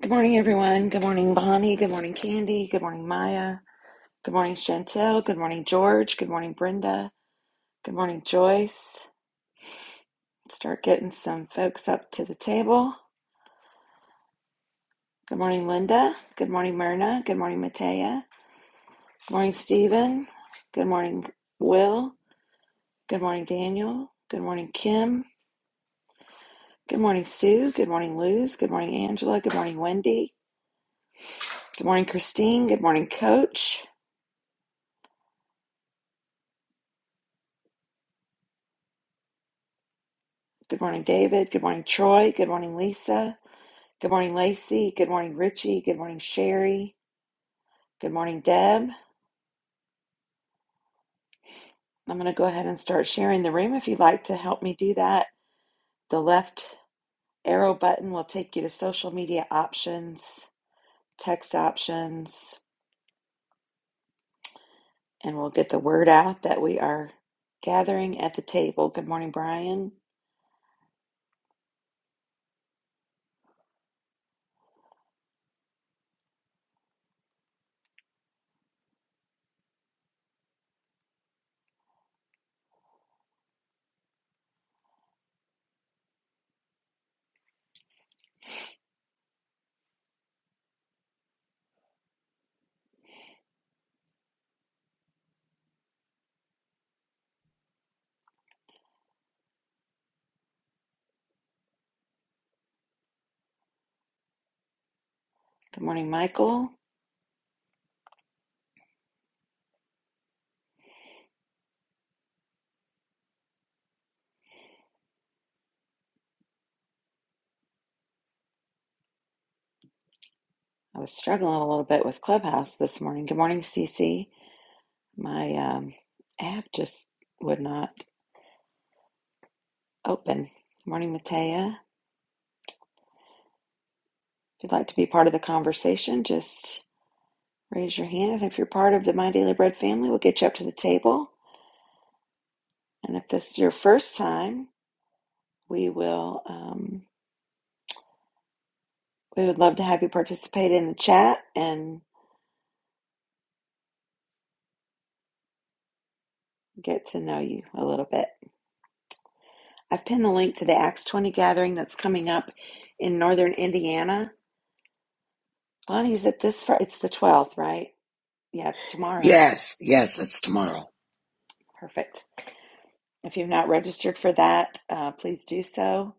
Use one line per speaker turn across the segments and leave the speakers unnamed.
Good morning, everyone. Good morning, Bonnie. Good morning, Candy. Good morning, Maya. Good morning, Chantel. Good morning, George. Good morning, Brenda. Good morning, Joyce. Start getting some folks up to the table. Good morning, Linda. Good morning, Myrna. Good morning, Matea. Good morning, Stephen. Good morning, Will. Good morning, Daniel. Good morning, Kim. Good morning, Sue. Good morning, Luz. Good morning, Angela. Good morning, Wendy. Good morning, Christine. Good morning, Coach. Good morning, David. Good morning, Troy. Good morning, Lisa. Good morning, Lacey. Good morning, Richie. Good morning, Sherry. Good morning, Deb. I'm going to go ahead and start sharing the room. If you'd like to help me do that, the left arrow button will take you to social media options, text options, and we'll get the word out that we are gathering at the table. Good morning, Brian. Good morning, Michael. I was struggling a little bit with Clubhouse this morning. Good morning, Cece. My um, app just would not. open. Morning, Matea. If you'd like to be part of the conversation, just raise your hand. And if you're part of the My Daily Bread family, we'll get you up to the table. And if this is your first time, we will. Um, we would love to have you participate in the chat and get to know you a little bit. I've pinned the link to the Acts 20 gathering that's coming up in northern Indiana. Bonnie, is it this Friday? It's the 12th, right? Yeah, it's tomorrow.
Yes, yes, it's tomorrow.
Perfect. If you've not registered for that, uh, please do so.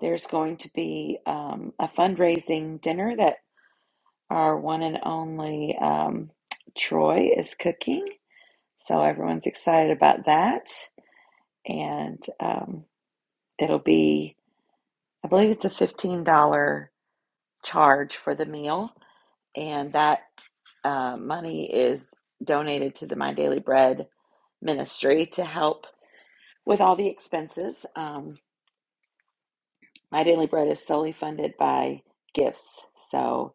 There's going to be um, a fundraising dinner that our one and only um, Troy is cooking. So everyone's excited about that. And um, it'll be, I believe it's a $15 charge for the meal. And that uh, money is donated to the My Daily Bread ministry to help with all the expenses. Um, My Daily Bread is solely funded by gifts. So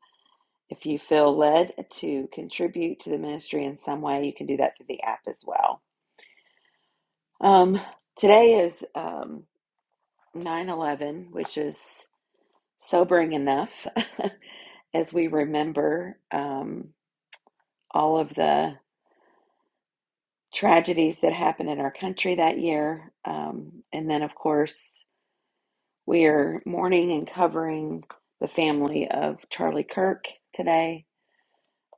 If you feel led to contribute to the ministry in some way, you can do that through the app as well. Um, today is um, 9 eleven, which is sobering enough as we remember um, all of the tragedies that happened in our country that year. Um, and then, of course, we are mourning and covering the family of Charlie Kirk today.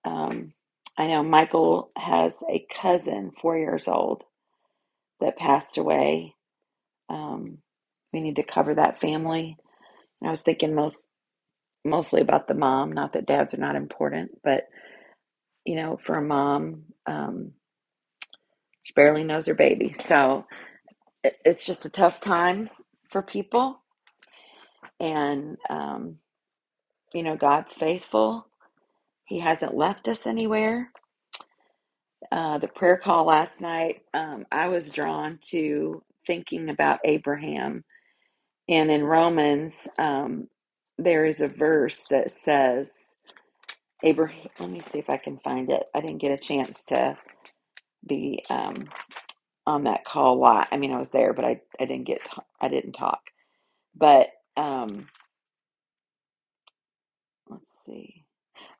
Um, I know Michael has a cousin, four years old, that passed away. Um, we need to cover that family. And I was thinking most mostly about the mom. Not that dads are not important, but you know, for a mom, um, she barely knows her baby, so it, it's just a tough time for people. And um, you know, God's faithful. He hasn't left us anywhere. Uh, the prayer call last night, um, I was drawn to thinking about Abraham And in Romans, um, there is a verse that says, Abraham, let me see if I can find it. I didn't get a chance to be um, on that call a lot. I mean, I was there, but I, I didn't get, to- I didn't talk. But um, let's see.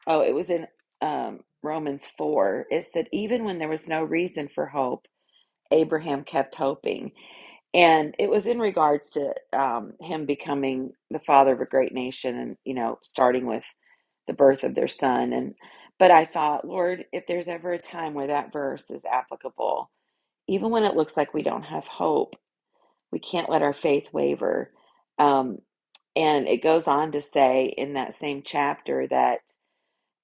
Oh, it was in um, Romans 4. It said, even when there was no reason for hope, Abraham kept hoping. And it was in regards to um, him becoming the father of a great nation and, you know, starting with the birth of their son and but i thought lord if there's ever a time where that verse is applicable even when it looks like we don't have hope we can't let our faith waver um, and it goes on to say in that same chapter that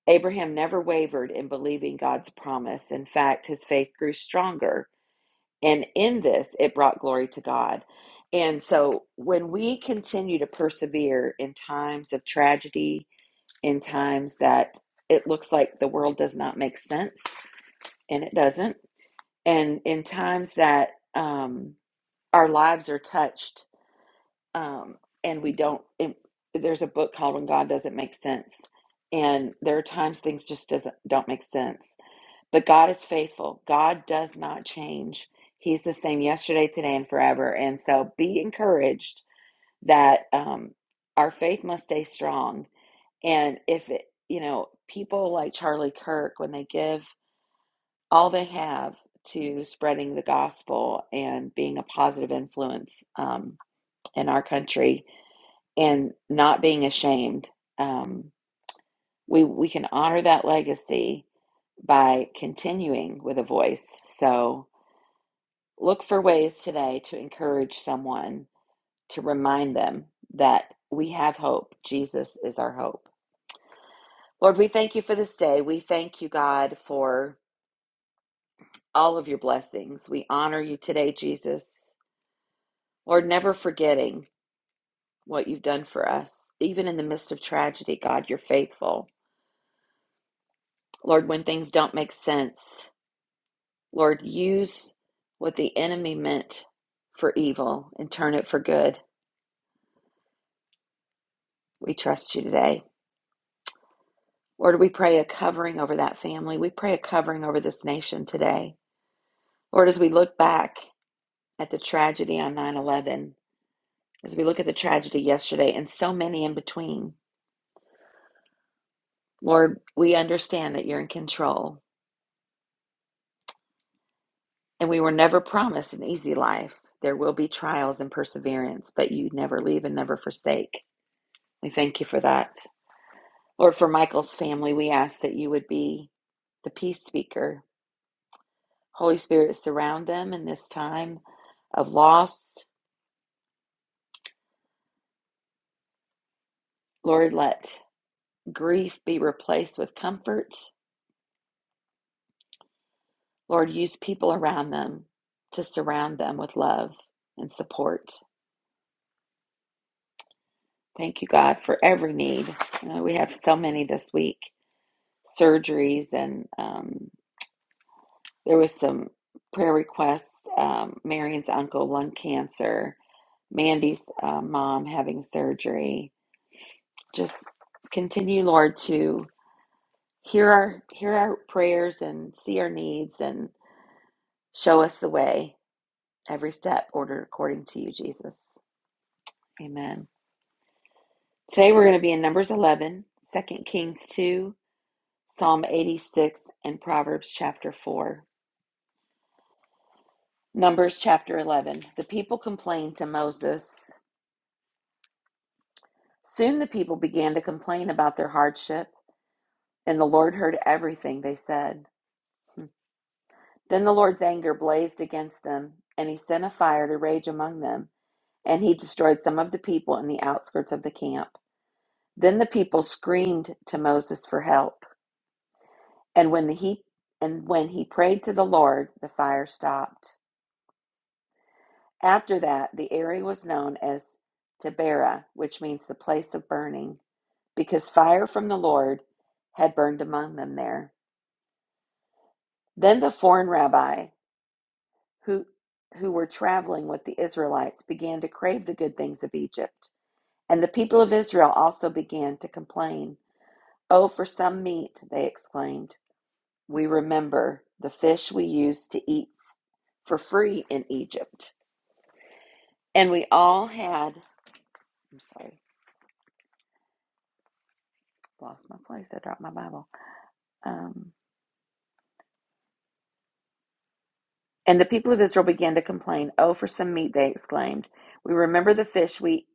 abraham never wavered in believing god's promise in fact his faith grew stronger and in this it brought glory to god and so when we continue to persevere in times of tragedy in times that it looks like the world does not make sense, and it doesn't. And in times that um, our lives are touched, um, and we don't, it, there's a book called "When God Doesn't Make Sense," and there are times things just doesn't don't make sense. But God is faithful. God does not change. He's the same yesterday, today, and forever. And so, be encouraged that um, our faith must stay strong and if it, you know, people like Charlie Kirk, when they give all they have to spreading the gospel and being a positive influence um, in our country and not being ashamed, um, we, we can honor that legacy by continuing with a voice. So look for ways today to encourage someone to remind them that we have hope. Jesus is our hope. Lord, we thank you for this day. We thank you, God, for all of your blessings. We honor you today, Jesus. Lord, never forgetting what you've done for us. Even in the midst of tragedy, God, you're faithful. Lord, when things don't make sense, Lord, use what the enemy meant for evil and turn it for good. We trust you today. Lord, we pray a covering over that family. We pray a covering over this nation today. Lord, as we look back at the tragedy on 9 11, as we look at the tragedy yesterday and so many in between, Lord, we understand that you're in control and we were never promised an easy life. There will be trials and perseverance, but you never leave and never forsake. We thank you for that. Lord, for Michael's family, we ask that you would be the peace speaker. Holy Spirit, surround them in this time of loss. Lord, let grief be replaced with comfort. Lord, use people around them to surround them with love and support. Thank you, God, for every need. Uh, we have so many this week surgeries, and um, there was some prayer requests. Um, Marion's uncle, lung cancer, Mandy's uh, mom having surgery. Just continue, Lord, to hear our hear our prayers and see our needs and show us the way. Every step ordered according to you, Jesus. Amen. Today we're going to be in Numbers 11, Second Kings 2, Psalm 86 and Proverbs chapter 4. Numbers chapter 11. The people complained to Moses. Soon the people began to complain about their hardship, and the Lord heard everything they said. Hmm. Then the Lord's anger blazed against them, and he sent a fire to rage among them, and he destroyed some of the people in the outskirts of the camp. Then the people screamed to Moses for help, and when the he and when he prayed to the Lord, the fire stopped. After that, the area was known as Taberah, which means the place of burning, because fire from the Lord had burned among them there. Then the foreign rabbi who who were traveling with the Israelites began to crave the good things of Egypt, and the people of Israel also began to complain. "Oh, for some meat," they exclaimed. "We remember the fish we used to eat for free in Egypt." And we all had I'm sorry, lost my place. I dropped my Bible. Um, and the people of Israel began to complain. Oh, for some meat, they exclaimed. We remember the fish we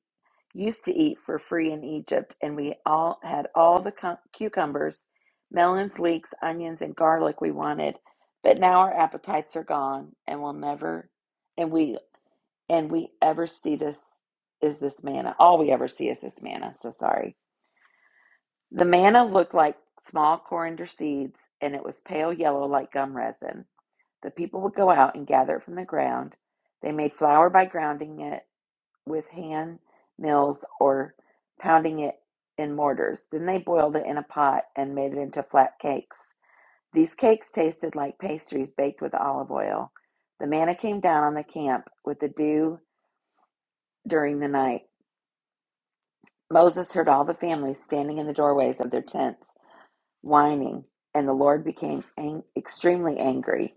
used to eat for free in Egypt, and we all had all the cu- cucumbers, melons, leeks, onions, and garlic we wanted. But now our appetites are gone, and we'll never, and we, and we ever see this is this manna. All we ever see is this manna. So sorry. The manna looked like small coriander seeds, and it was pale yellow like gum resin. The people would go out and gather it from the ground. They made flour by grounding it with hand mills or pounding it in mortars. Then they boiled it in a pot and made it into flat cakes. These cakes tasted like pastries baked with olive oil. The manna came down on the camp with the dew during the night. Moses heard all the families standing in the doorways of their tents, whining, and the Lord became ang- extremely angry.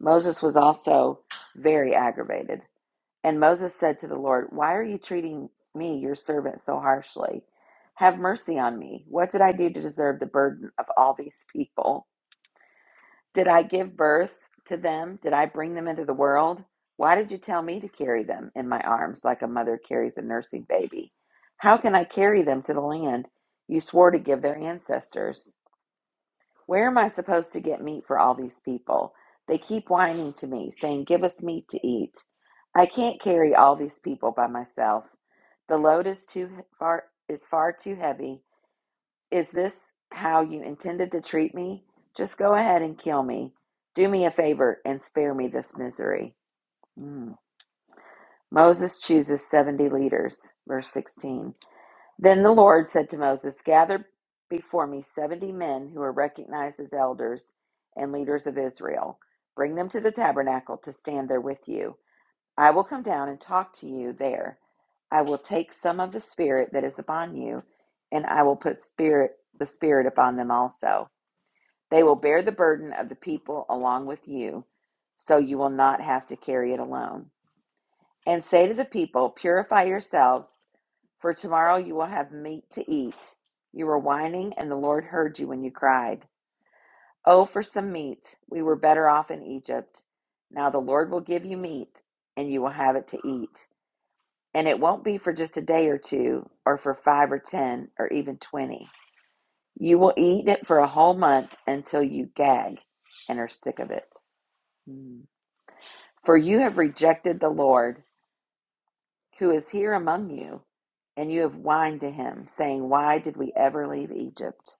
Moses was also very aggravated. And Moses said to the Lord, Why are you treating me, your servant, so harshly? Have mercy on me. What did I do to deserve the burden of all these people? Did I give birth to them? Did I bring them into the world? Why did you tell me to carry them in my arms like a mother carries a nursing baby? How can I carry them to the land you swore to give their ancestors? Where am I supposed to get meat for all these people? They keep whining to me, saying, Give us meat to eat. I can't carry all these people by myself. The load is too far is far too heavy. Is this how you intended to treat me? Just go ahead and kill me. Do me a favor and spare me this misery. Mm. Moses chooses 70 leaders, verse 16. Then the Lord said to Moses, Gather before me 70 men who are recognized as elders and leaders of Israel. Bring them to the tabernacle to stand there with you. I will come down and talk to you there. I will take some of the spirit that is upon you, and I will put spirit the spirit upon them also. They will bear the burden of the people along with you, so you will not have to carry it alone. And say to the people, Purify yourselves for tomorrow you will have meat to eat. You were whining, and the Lord heard you when you cried. Oh, for some meat! We were better off in Egypt. Now the Lord will give you meat, and you will have it to eat. And it won't be for just a day or two, or for five or ten, or even twenty. You will eat it for a whole month until you gag and are sick of it. Mm. For you have rejected the Lord, who is here among you, and you have whined to him, saying, Why did we ever leave Egypt?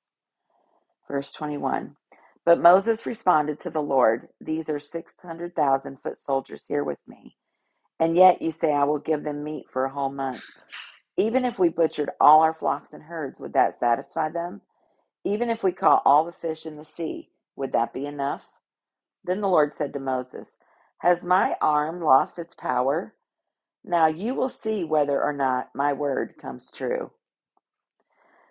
Verse 21. But Moses responded to the Lord, These are 600,000 foot soldiers here with me. And yet you say, I will give them meat for a whole month. Even if we butchered all our flocks and herds, would that satisfy them? Even if we caught all the fish in the sea, would that be enough? Then the Lord said to Moses, Has my arm lost its power? Now you will see whether or not my word comes true.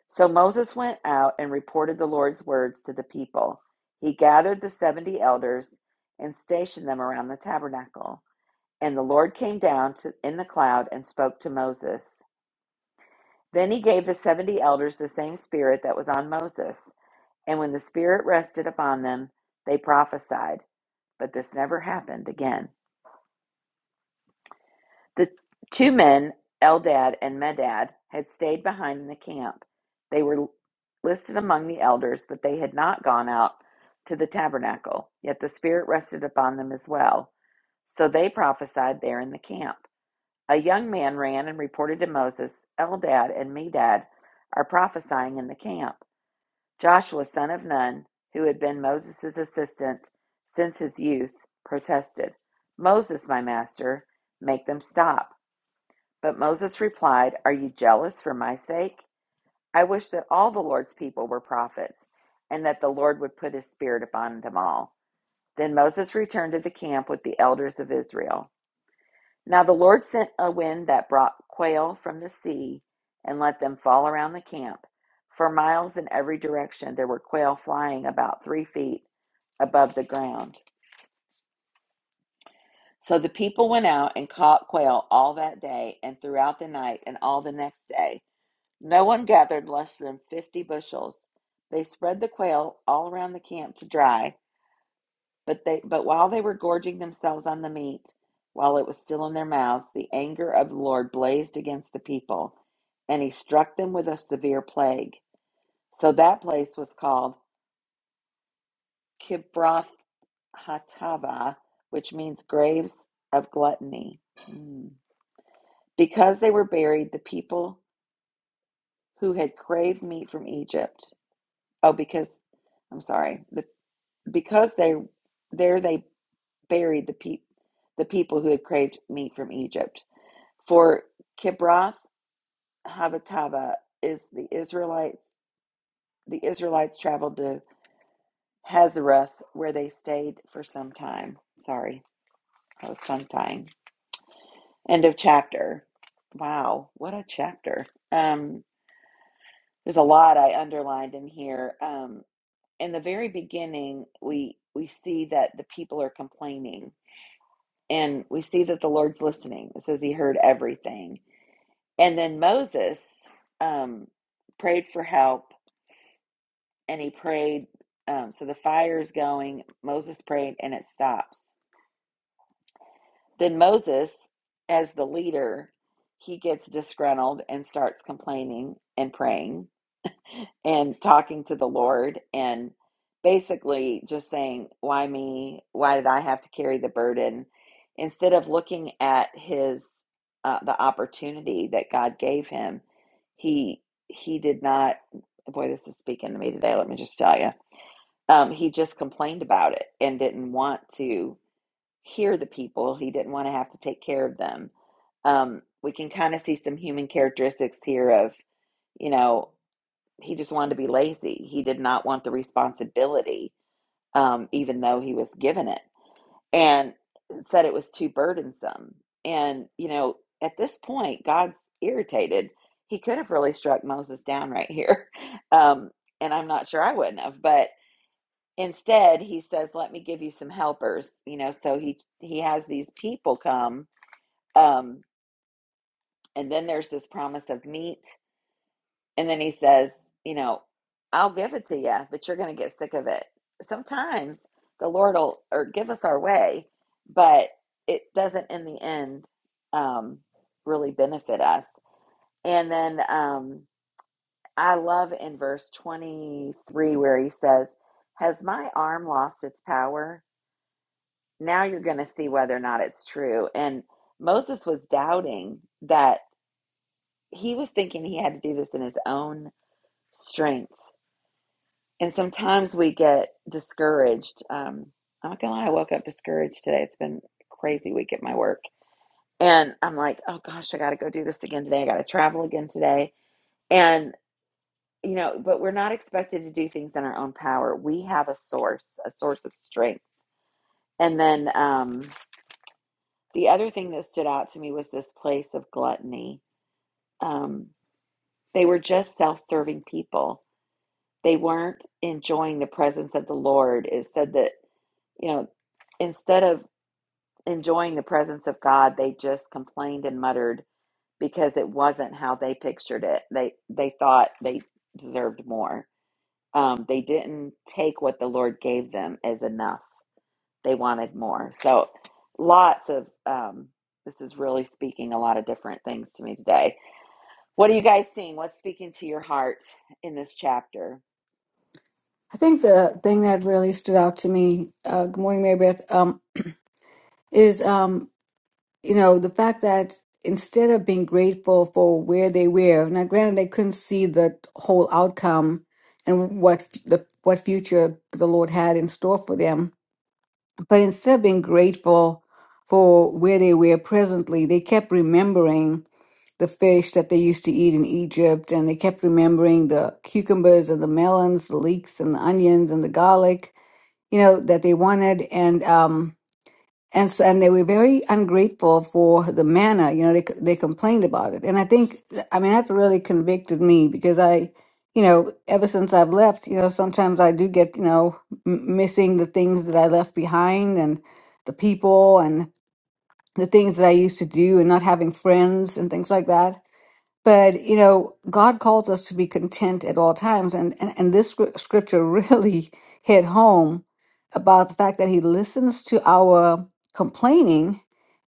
So Moses went out and reported the Lord's words to the people. He gathered the 70 elders and stationed them around the tabernacle. And the Lord came down to, in the cloud and spoke to Moses. Then he gave the 70 elders the same spirit that was on Moses. And when the spirit rested upon them, they prophesied. But this never happened again. The two men, Eldad and Medad, had stayed behind in the camp. They were listed among the elders, but they had not gone out to the tabernacle. Yet the Spirit rested upon them as well. So they prophesied there in the camp. A young man ran and reported to Moses, Eldad and Medad are prophesying in the camp. Joshua, son of Nun, who had been Moses' assistant since his youth, protested, Moses, my master, make them stop. But Moses replied, Are you jealous for my sake? I wish that all the Lord's people were prophets, and that the Lord would put his spirit upon them all. Then Moses returned to the camp with the elders of Israel. Now the Lord sent a wind that brought quail from the sea and let them fall around the camp. For miles in every direction there were quail flying about three feet above the ground. So the people went out and caught quail all that day and throughout the night and all the next day No one gathered less than fifty bushels. They spread the quail all around the camp to dry, but they but while they were gorging themselves on the meat, while it was still in their mouths, the anger of the Lord blazed against the people, and he struck them with a severe plague. So that place was called Kibroth Hatava, which means graves of gluttony. Mm. Because they were buried, the people who had craved meat from Egypt. Oh, because I'm sorry. because they there they buried the pe- the people who had craved meat from Egypt. For Kibroth Havatava is the Israelites. The Israelites traveled to Hazareth, where they stayed for some time. Sorry, that was tongue tying. End of chapter. Wow, what a chapter! Um, there's a lot I underlined in here. Um, in the very beginning, we we see that the people are complaining and we see that the Lord's listening. It says he heard everything. And then Moses um, prayed for help, and he prayed. Um, so the fire is going. Moses prayed, and it stops. Then Moses, as the leader, he gets disgruntled and starts complaining and praying and talking to the Lord and basically just saying, Why me? Why did I have to carry the burden? Instead of looking at his uh, the opportunity that God gave him, he he did not boy, this is speaking to me today, let me just tell you. Um, he just complained about it and didn't want to hear the people. He didn't want to have to take care of them. Um, we can kind of see some human characteristics here of, you know, he just wanted to be lazy. He did not want the responsibility, um, even though he was given it, and said it was too burdensome. And, you know, at this point, God's irritated. He could have really struck Moses down right here. Um, and I'm not sure I wouldn't have, but instead he says, let me give you some helpers, you know, so he, he has these people come, um, and then there's this promise of meat And then he says, you know, I'll give it to you, but you're going to get sick of it. Sometimes the Lord will or give us our way, but it doesn't in the end um, really benefit us. And then um, I love in verse 23 where he says, Has my arm lost its power? Now you're going to see whether or not it's true. And Moses was doubting that he was thinking he had to do this in his own strength And sometimes we get discouraged. Um, I'm not gonna lie, I woke up discouraged today. It's been a crazy week at my work. And I'm like, oh gosh, I gotta go do this again today. I gotta travel again today. And, you know, but we're not expected to do things in our own power. We have a source, a source of strength. And then um, the other thing that stood out to me was this place of gluttony. Um, they were just self serving people. They weren't enjoying the presence of the Lord. It said that, you know, instead of enjoying the presence of God, they just complained and muttered because it wasn't how they pictured it. They they thought they deserved more. Um, they didn't take what the Lord gave them as enough. They wanted more. So, lots of um, this is really speaking a lot of different things to me today. What are you guys seeing? What's speaking to your heart in this chapter?
I think the thing that really stood out to me, uh, good morning, Mary Beth, um, is, um, you know, the fact that instead of being grateful for where they were, now granted they couldn't see the whole outcome and what f- the what future the Lord had in store for them, but instead of being grateful for where they were presently, they kept remembering the fish that they used to eat in Egypt, and they kept remembering the cucumbers and the melons, the leeks and the onions and the garlic, you know that they wanted and um and so and they were very ungrateful for the manna you know they they complained about it and i think i mean that really convicted me because i you know ever since i've left you know sometimes i do get you know m- missing the things that i left behind and the people and the things that i used to do and not having friends and things like that but you know, God calls us to be content at all times, and and, and this scr- scripture really hit home about the fact that He listens to our complaining,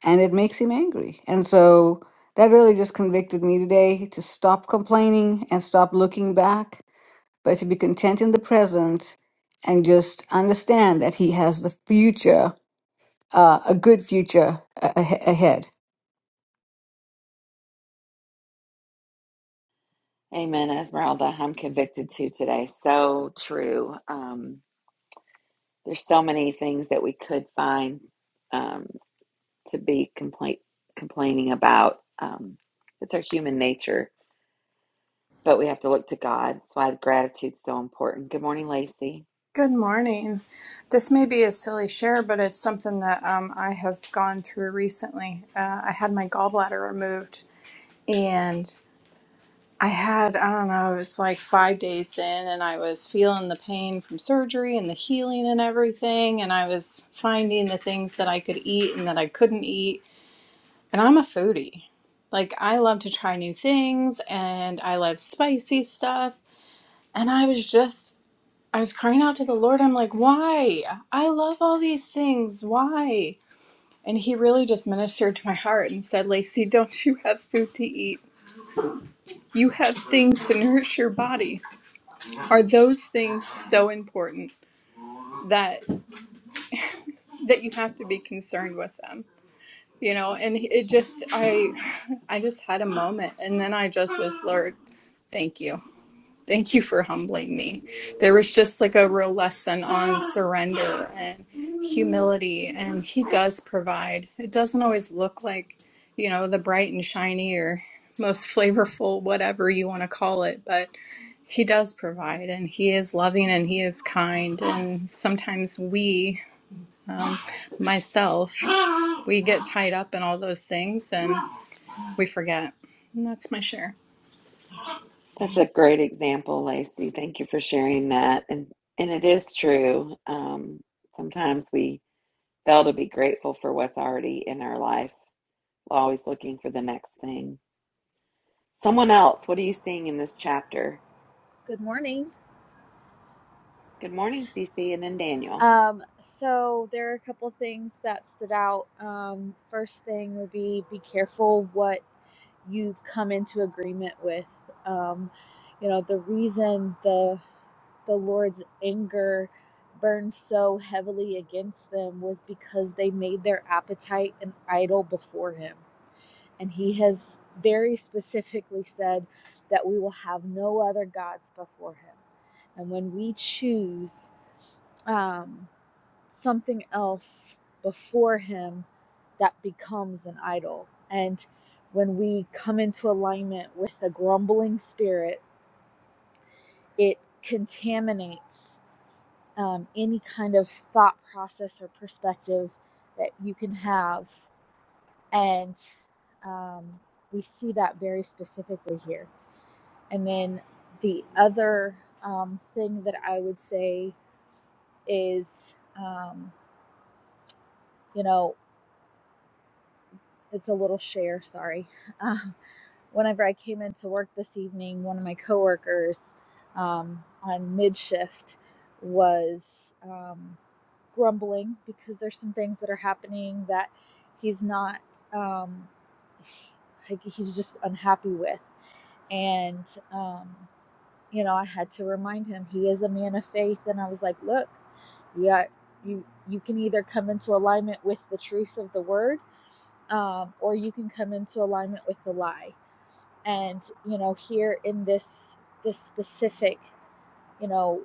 and it makes Him angry. And so that really just convicted me today to stop complaining and stop looking back, but to be content in the present and just understand that He has the future, uh, a good future a- a- ahead.
Amen, Esmeralda. I'm convicted too today. So true. Um, There's so many things that we could find um, to be complain- complaining about. Um, it's our human nature, but we have to look to God. That's why gratitude's so important. Good morning, Lacey.
Good morning. This may be a silly share, but it's something that um, I have gone through recently. Uh, I had my gallbladder removed, and I had, I don't know, it was like five days in, and I was feeling the pain from surgery and the healing and everything. And I was finding the things that I could eat and that I couldn't eat. And I'm a foodie. Like, I love to try new things, and I love spicy stuff. And I was just I was crying out to the Lord. I'm like, why? I love all these things. Why? And he really just ministered to my heart and said, Lacey, don't you have food to eat? You have things to nourish your body. Are those things so important that that you have to be concerned with them? You know, and it just I I just had a moment and then I just was Lord, thank you. Thank you for humbling me. There was just like a real lesson on surrender and humility, and He does provide. It doesn't always look like, you know, the bright and shiny or most flavorful, whatever you want to call it, but He does provide, and He is loving and He is kind. And sometimes we, um, myself, we get tied up in all those things and we forget. And that's my share.
That's a great example, Lacey. Thank you for sharing that. And and it is true. Um, sometimes we fail to be grateful for what's already in our life. Always looking for the next thing. Someone else. What are you seeing in this chapter?
Good morning.
Good morning, Cece, and then Daniel.
Um, so there are a couple of things that stood out. Um, first thing would be be careful what you come into agreement with. Um, you know, the reason the the Lord's anger burned so heavily against them was because they made their appetite an idol before him. And he has very specifically said that we will have no other gods before him. And when we choose um, something else before him, that becomes an idol. And when we come into alignment with a grumbling spirit, it contaminates um, any kind of thought process or perspective that you can have and um, we see that very specifically here. And then the other um, thing that I would say is, um, you know, it's a little share, sorry. Um, whenever I came into work this evening, one of my coworkers um, on mid shift was um, grumbling because there's some things that are happening that he's not, um, like, he's just unhappy with. And, um, you know, I had to remind him he is a man of faith. And I was like, look, yeah, you, you can either come into alignment with the truth of the word, um, or you can come into alignment with the lie. And, you know, here in this, this specific, you know,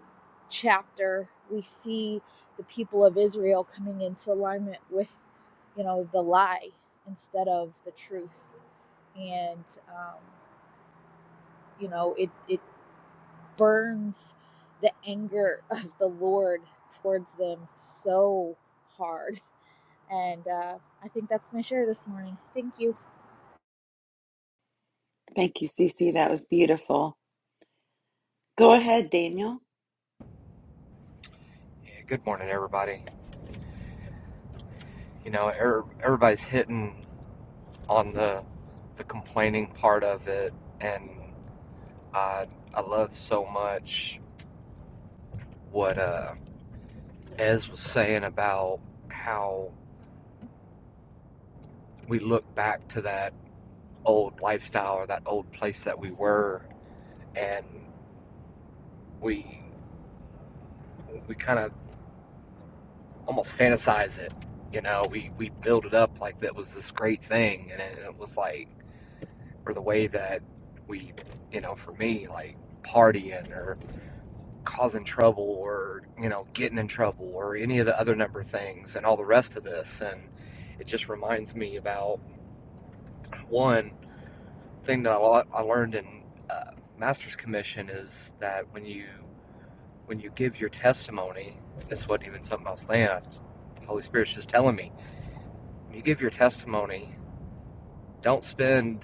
chapter, we see the people of Israel coming into alignment with, you know, the lie instead of the truth and um, you know it, it burns the anger of the Lord towards them so hard. And uh, I think that's my share this morning. Thank you.
Thank you, Cece. That was beautiful. Go ahead, Daniel.
Yeah, Good morning, everybody. You know, er- everybody's hitting on the the complaining part of it, and I I love so much what uh, Ez was saying about how we look back to that old lifestyle or that old place that we were, and we we kind of almost fantasize it. You know, we we build it up like that was this great thing, and it, it was like or the way that we, you know, for me, like partying or causing trouble or, you know, getting in trouble or any of the other number of things and all the rest of this. And it just reminds me about one thing that I, lo- I learned in uh, master's commission is that when you when you give your testimony, and this wasn't even something I was saying. I just, the Holy Spirit's just telling me. When you give your testimony, don't spend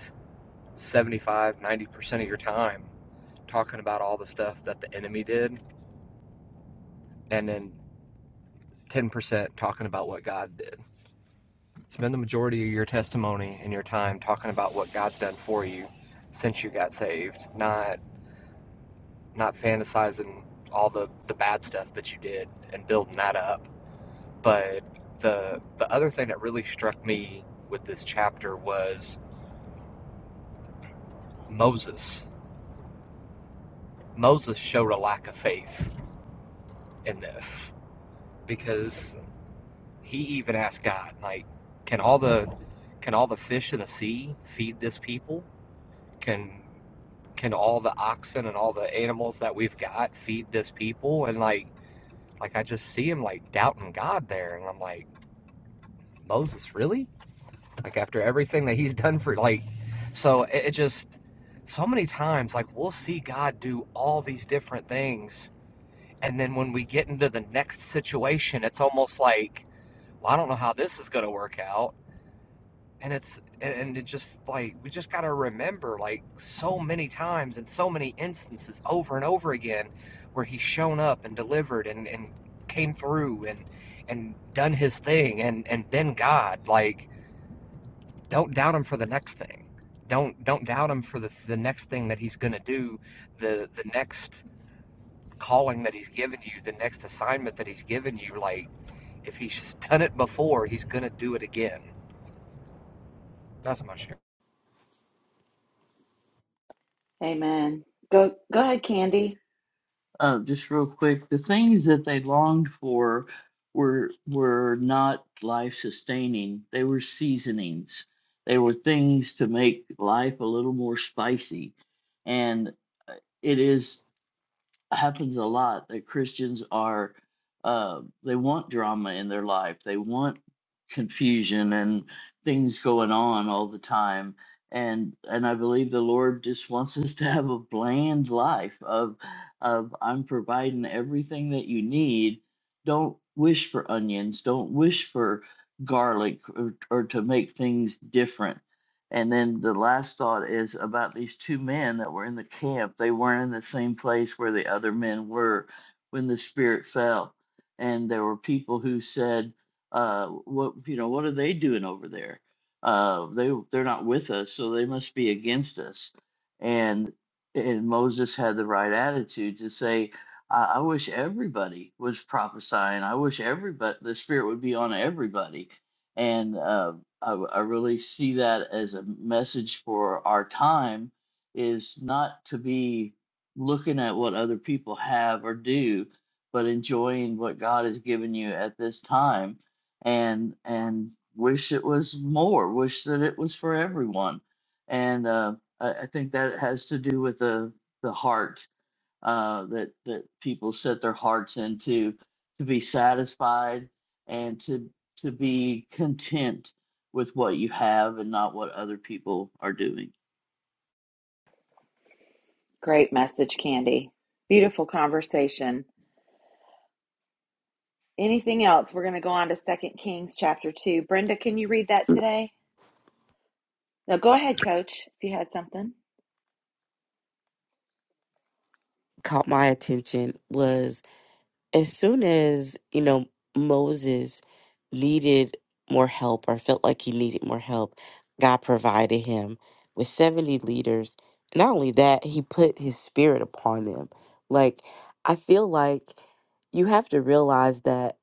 seventy-five, ninety percent of your time talking about all the stuff that the enemy did, and then 10% talking about what God did. Spend the majority of your testimony and your time talking about what God's done for you since you got saved, not not fantasizing all the, the bad stuff that you did and building that up. But the the other thing that really struck me with this chapter was Moses. Moses showed a lack of faith in this because He even asked God, like, can all the can all the fish of the sea feed this people? Can can all the oxen and all the animals that we've got feed this people? And like like I just see him like doubting God there and I'm like, Moses, really? Like after everything that he's done for like so it, it just so many times like we'll see God do all these different things and then when we get into the next situation it's almost like well, I don't know how this is going to work out and it's and, it just like we just got to remember like so many times and so many instances over and over again where he's shown up and delivered and and came through and and done his thing and and been god like don't doubt him for the next thing don't don't doubt him for the the next thing that he's going to do the the next calling that he's given you the next assignment that he's given you like if he's done it before he's going to do it again that's my share
Amen. Go go ahead, Candy.
uh, just real quick, the things that they longed for were were not life sustaining. They were seasonings. They were things to make life a little more spicy. And uh, it is happens a lot that Christians are uh, they want drama in their life. They want confusion and things going on all the time. And and I believe the Lord just wants us to have a bland life of of I'm providing everything that you need. Don't wish for onions. Don't wish for garlic or, or to make things different and then the last thought is about these two men that were in the camp. They weren't in the same place where the other men were when the spirit fell. And there were people who said, uh, "What you know? What are they doing over there? Uh, they they're not with us, so they must be against us." And and Moses had the right attitude to say, "I, I wish everybody was prophesying. I wish everybody the spirit would be on everybody." And uh, I I really see that as a message for our time is not to be looking at what other people have or do, but enjoying what God has given you at this time and and wish it was more, wish that it was for everyone. And uh, I, I think that has to do with the the heart uh, that that people set their hearts into to be satisfied and to to be content with what you have and not what other people are doing.
Great message, Candy. Beautiful conversation. Anything else? We're going to go on to Second Kings chapter 2. Brenda, can you read that today? No, go ahead, coach, if you had something.
caught my attention was as soon as, you know, Moses needed more help or felt like he needed more help, God provided him with 70 leaders. Not only that, he put his spirit upon them. Like, I feel like you have to realize that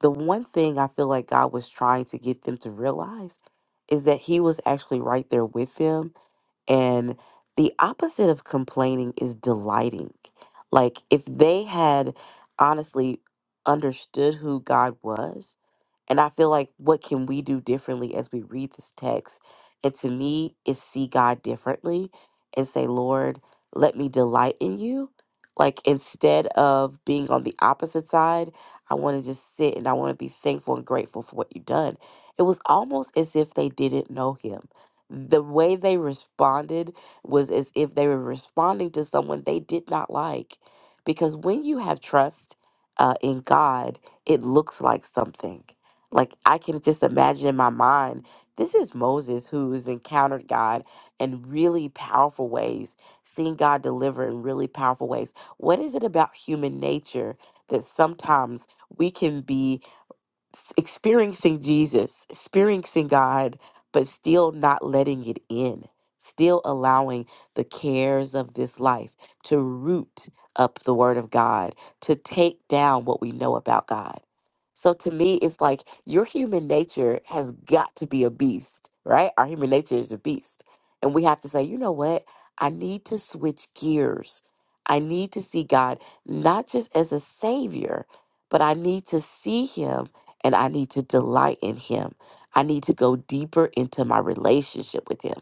the one thing I feel like God was trying to get them to realize is that he was actually right there with them and the opposite of complaining is delighting. Like if they had honestly understood who God was and I feel like what can we do differently as we read this text? And to me, is see God differently and say, Lord, let me delight in you. Like instead of being on the opposite side, I want to just sit and I want to be thankful and grateful for what you've done. It was almost as if they didn't know him. The way they responded was as if they were responding to someone they did not like. Because when you have trust uh, in God, it looks like something like I can just imagine in my mind, this is Moses who has encountered God in really powerful ways, seen God deliver in really powerful ways. What is it about human nature that sometimes we can be s- experiencing Jesus, experiencing God, but still not letting it in, still allowing the cares of this life to root up the Word of God, to take down what we know about God. So to me, it's like your human nature has got to be a beast, right? Our human nature is a beast. And we have to say, you know what? I need to switch gears. I need to see God not just as a savior, but I need to see him and I need to delight in Him. I need to go deeper into my relationship with Him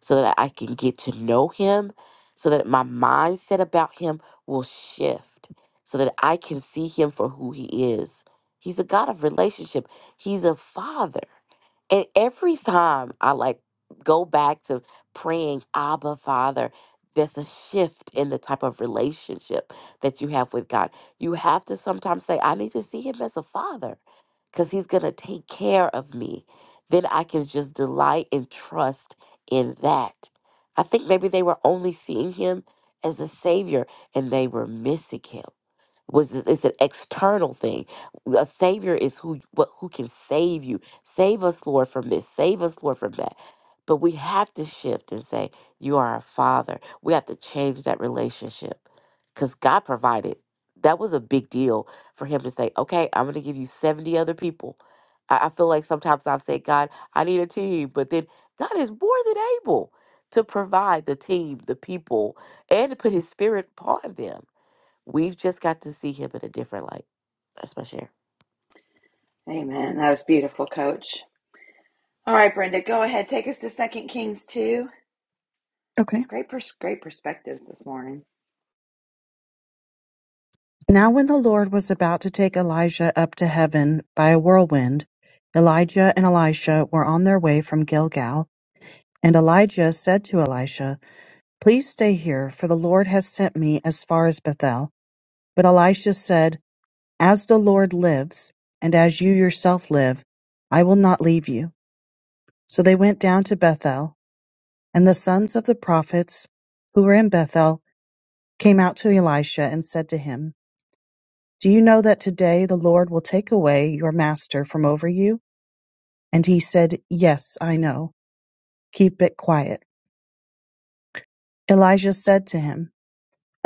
so that I can get to know Him, so that my mindset about Him will shift, so that I can see Him for who He is. He's a God of relationship, He's a Father. And every time I like go back to praying, Abba, Father, there's a shift in the type of relationship that you have with God. You have to sometimes say, I need to see Him as a Father because he's going to take care of me. Then I can just delight and trust in that. I think maybe they were only seeing him as a savior and they were missing him was this- it's an external thing. A savior is who what who can save you. Save us, Lord, from this. Save us, Lord, from that. But we have to shift and say, "You are our Father." We have to change that relationship because God provided. That was a big deal for Him to say, "Okay, I'm going to give you seventy other people." I, I feel like sometimes I've said, "God, I need a team," but then God is more than able to provide the team, the people, and to put His Spirit upon them. We've just got to see him in a different light. That's my share.
Amen. That was beautiful, coach. All right, Brenda, go ahead. Take us to Second Kings 2.
Okay.
Great pers- great perspectives this morning.
Now, when the Lord was about to take Elijah up to heaven by a whirlwind, Elijah and Elisha were on their way from Gilgal, and Elijah said to Elisha, Please stay here, for the Lord has sent me as far as Bethel. But Elisha said, As the Lord lives, and as you yourself live, I will not leave you. So they went down to Bethel, and the sons of the prophets who were in Bethel came out to Elisha and said to him, Do you know that today the Lord will take away your master from over you? And he said, Yes, I know. Keep it quiet. Elijah said to him,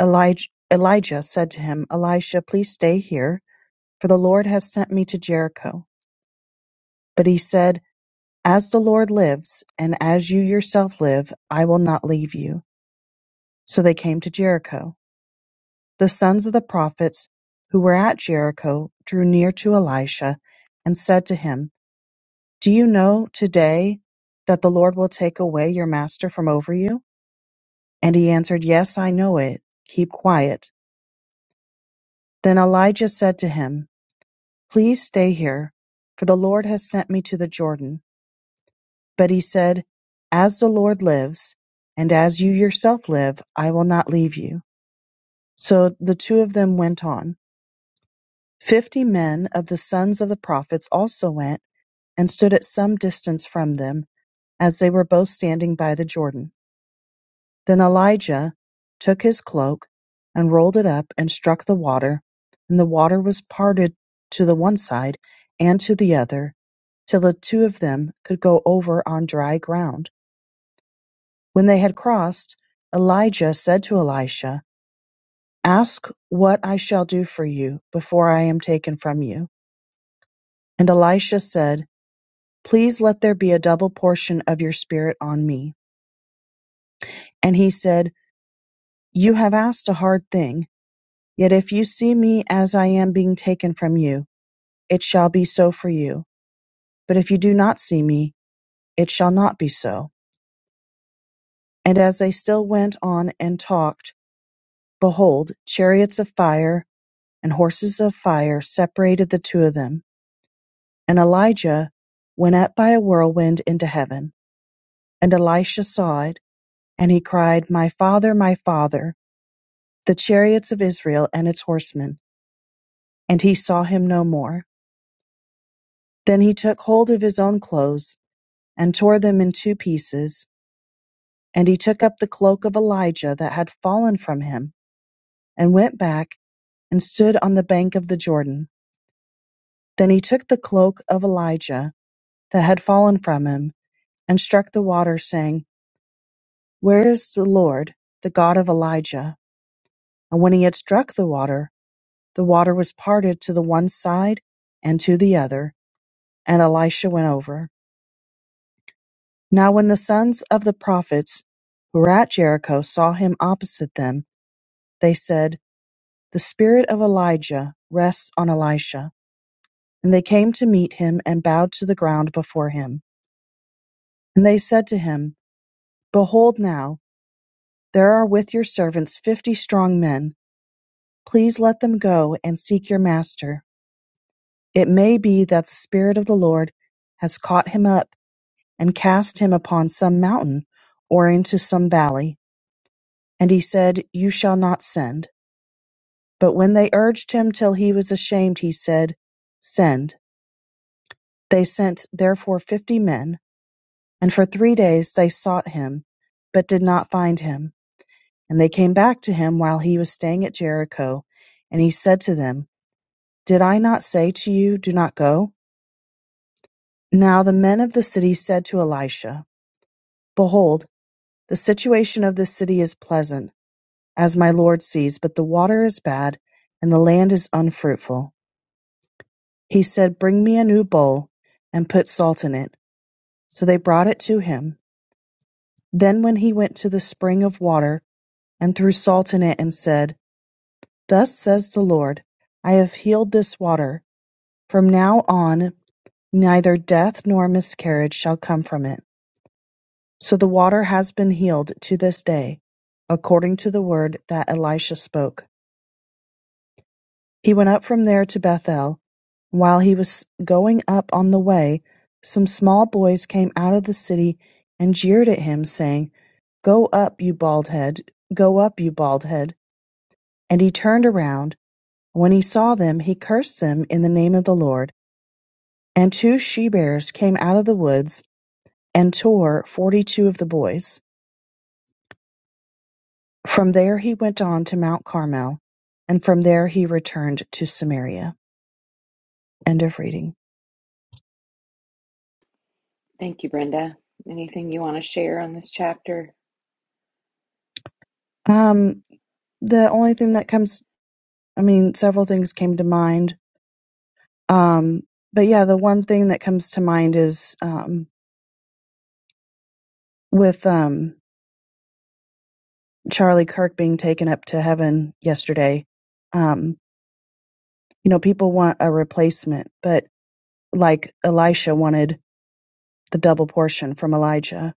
Elijah, Elijah said to him, Elisha, please stay here, for the Lord has sent me to Jericho. But he said, As the Lord lives, and as you yourself live, I will not leave you. So they came to Jericho. The sons of the prophets who were at Jericho drew near to Elisha and said to him, Do you know today that the Lord will take away your master from over you? And he answered, Yes, I know it. Keep quiet. Then Elijah said to him, Please stay here, for the Lord has sent me to the Jordan. But he said, As the Lord lives, and as you yourself live, I will not leave you. So the two of them went on. Fifty men of the sons of the prophets also went and stood at some distance from them, as they were both standing by the Jordan. Then Elijah took his cloak, and rolled it up, and struck the water; and the water was parted to the one side, and to the other, till the two of them could go over on dry ground. When they had crossed, Elijah said to Elisha, Ask what I shall do for you before I am taken from you. And Elisha said, Please let there be a double portion of your spirit on me. And he said, You have asked a hard thing. Yet if you see me as I am being taken from you, it shall be so for you. But if you do not see me, it shall not be so. And as they still went on and talked, behold, chariots of fire and horses of fire separated the two of them. And Elijah went up by a whirlwind into heaven. And Elisha saw it, and he cried, My father, my father, the chariots of Israel and its horsemen. And he saw him no more. Then he took hold of his own clothes and tore them in two pieces. And he took up the cloak of Elijah that had fallen from him, and went back and stood on the bank of the Jordan. Then he took the cloak of Elijah that had fallen from him, and struck the water, saying, Where is the Lord, the God of Elijah? And when he had struck the water, the water was parted to the one side and to the other, and Elisha went over. Now when the sons of the prophets who were at Jericho saw him opposite them, they said, The spirit of Elijah rests on Elisha. And they came to meet him and bowed to the ground before him. And they said to him, Behold now, there are with your servants fifty strong men. Please let them go and seek your master. It may be that the Spirit of the Lord has caught him up and cast him upon some mountain or into some valley. And he said, You shall not send. But when they urged him till he was ashamed, he said, Send. They sent therefore fifty men And for three days they sought him, but did not find him. And they came back to him while he was staying at Jericho. And he said to them, Did I not say to you, Do not go? Now the men of the city said to Elisha, Behold, the situation of this city is pleasant, as my Lord sees, but the water is bad, and the land is unfruitful. He said, Bring me a new bowl, and put salt in it. So they brought it to him. Then when he went to the spring of water, and threw salt in it, and said, Thus says the Lord, I have healed this water. From now on, neither death nor miscarriage shall come from it. So the water has been healed to this day, according to the word that Elisha spoke. He went up from there to Bethel. While he was going up on the way, some small boys came out of the city and jeered at him, saying, Go up, you bald head, go up, you bald head. And he turned around. When he saw them, he cursed them in the name of the Lord. And two she-bears came out of the woods, and tore forty-two of the boys. From there he went on to Mount Carmel, and from there he returned to Samaria. End of reading.
Thank you, Brenda. Anything you want to share on this chapter?
Um, the only thing that comes, I mean, several things came to mind. Um, but yeah, the one thing that comes to mind is um, with um, Charlie Kirk being taken up to heaven yesterday. Um, you know, people want a replacement, but like Elisha wanted the double portion from Elijah.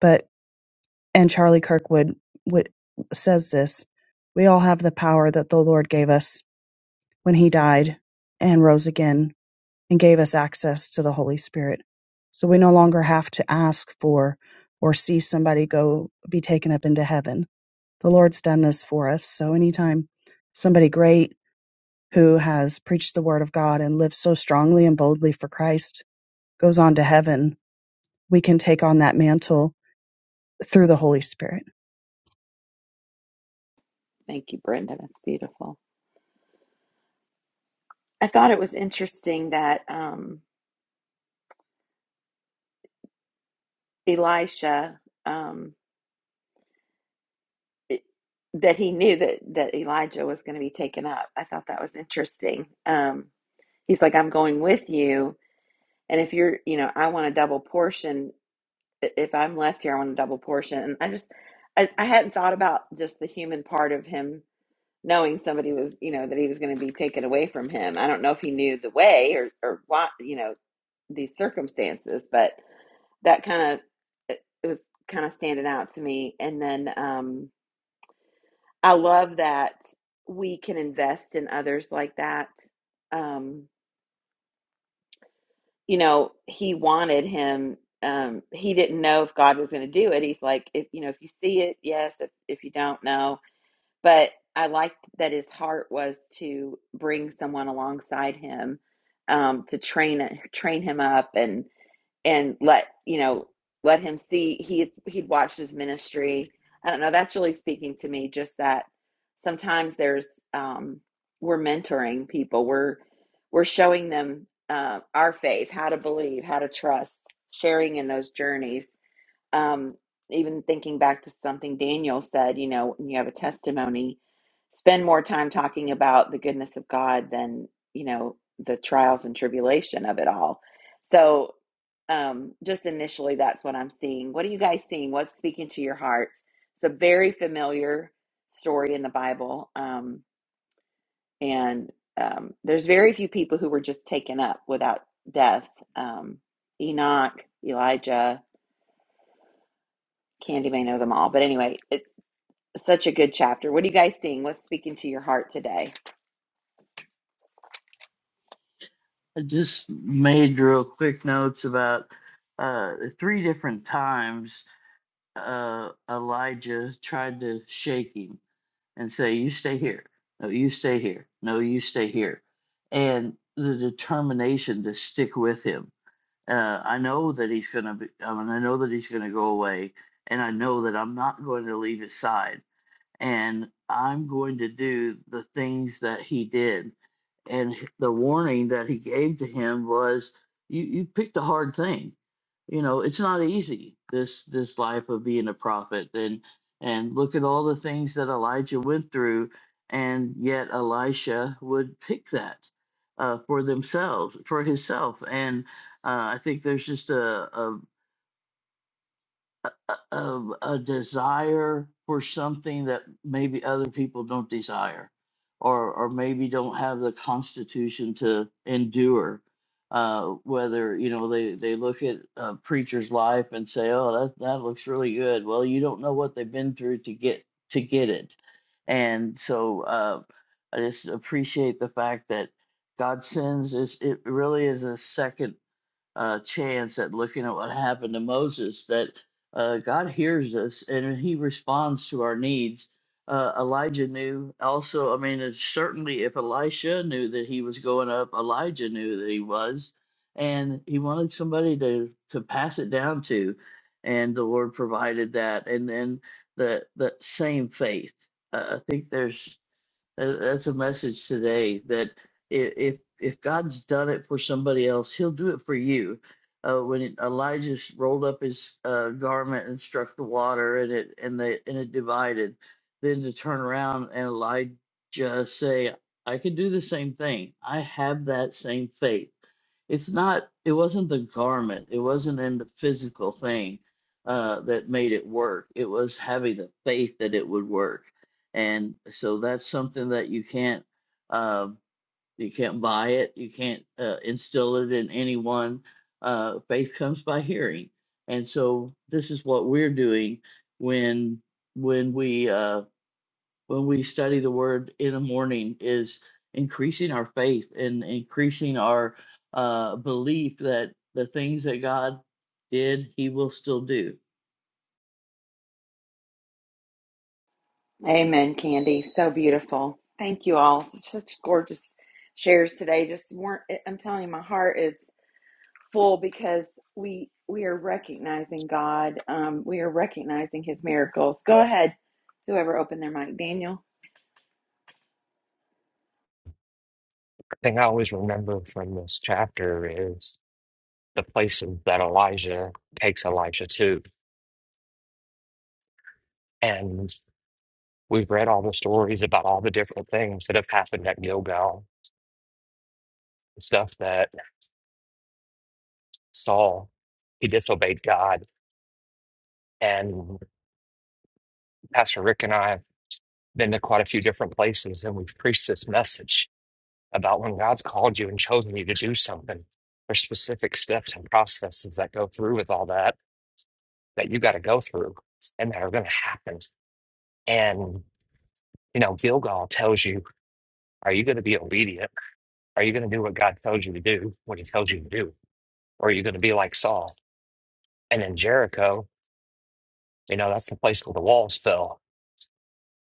But and Charlie Kirkwood w- says this: we all have the power that the Lord gave us when He died and rose again, and gave us access to the Holy Spirit. So we no longer have to ask for or see somebody go be taken up into heaven. The Lord's done this for us. So anytime somebody great who has preached the word of God and lived so strongly and boldly for Christ goes on to heaven, we can take on that mantle through the Holy Spirit.
Thank you, Brenda. That's beautiful. I thought it was interesting that um, Elisha, um, it, that he knew that, that Elijah was going to be taken up. I thought that was interesting. Um, he's like, I'm going with you. And if you're, you know, I want a double portion. If I'm left here, I want a double portion. And I just, I, I hadn't thought about just the human part of him knowing somebody was, you know, that he was going to be taken away from him. I don't know if he knew the way or, or what, you know, these circumstances, but that kind of it, it was kind of standing out to me and then um i love that we can invest in others like that um you know he wanted him um he didn't know if god was going to do it he's like if you know if you see it yes if, if you don't know but i liked that his heart was to bring someone alongside him um to train train him up and. and let you know let him see he he'd watched his ministry i don't know that's really speaking to me just that sometimes there's um we're mentoring people we're we're showing them uh, our faith how to believe how to trust sharing in those journeys um, even thinking back to something Daniel said, you know, when you have a testimony, spend more time talking about the goodness of God than, you know, the trials and tribulation of it all. So, um, just initially, that's what I'm seeing. What are you guys seeing? What's speaking to your heart? It's a very familiar story in the Bible. Um, and um, there's very few people who were just taken up without death. Um, Enoch, Elijah, can't even know them all. But anyway, Such a good chapter. What are you guys seeing? What's speaking to your heart today?
I just made real quick notes about uh, three different times uh, Elijah tried to shake him and say, "You stay here. No, you stay here. No, you stay here," and the determination to stick with him Uh, I know that he's going to be, I mean, I know that he's going to go away, and I know that I'm not going to leave his side and I'm going to do the things that he did. And the warning that he gave to him was, you, you picked a hard thing. You know, it's not easy, this this life of being a prophet. And and look at all the things that Elijah went through, and yet Elisha would pick that uh, for themselves, for himself. And uh, I think there's just a a, a, a desire for something that maybe other people don't desire or or maybe don't have the constitution to endure uh whether you know they they look at a preacher's life and say oh that that looks really good well you don't know what they've been through to get to get it and so uh i just appreciate the fact that god sends is it really is a second uh, chance at looking at what happened to Moses that uh, God hears us and he responds to our needs. Uh, Elijah knew also, I mean, it's certainly if Elisha knew that he was going up, Elijah knew that he was, and he wanted somebody to, to pass it down to. And the Lord provided that. And then the, the same faith. Uh, I think there's that's a message today that if if God's done it for somebody else, He'll do it for you. Uh, when Elijah rolled up his uh, garment and struck the water, and it and the and it divided, then to turn around and Elijah say, "I can do the same thing. I have that same faith." It's not. It wasn't the garment. It wasn't in the physical thing uh, that made it work. It was having the faith that it would work and so that's something that you can't uh, you can't buy it you can't uh, instill it in anyone uh, faith comes by hearing and so this is what we're doing when when we uh, when we study the word in the morning is increasing our faith and increasing our uh, belief that the things that god did he will still do
Amen, Candy. So beautiful. Thank you all. Such, such gorgeous shares today. Just weren't. I'm telling you, my heart is full because we we are recognizing God. Um, we are recognizing His miracles. Go ahead, whoever opened their mic, Daniel.
thing I always remember from this chapter is the places that Elijah takes Elijah to. And we've read all the stories about all the different things that have happened at Gilgal, stuff that Saul, he disobeyed God. And Pastor Rick and I have been to quite a few different places and we've preached this message about when God's called you and chosen you to do something, there's specific steps and processes that go through with all that that you got to go through and that are going to happen. And You know, Gilgal tells you, are you going to be obedient? Are you going to do what God tells you to do, what he tells you to do? Or are you going to be like Saul? And in Jericho, you know, that's the place where the walls fell.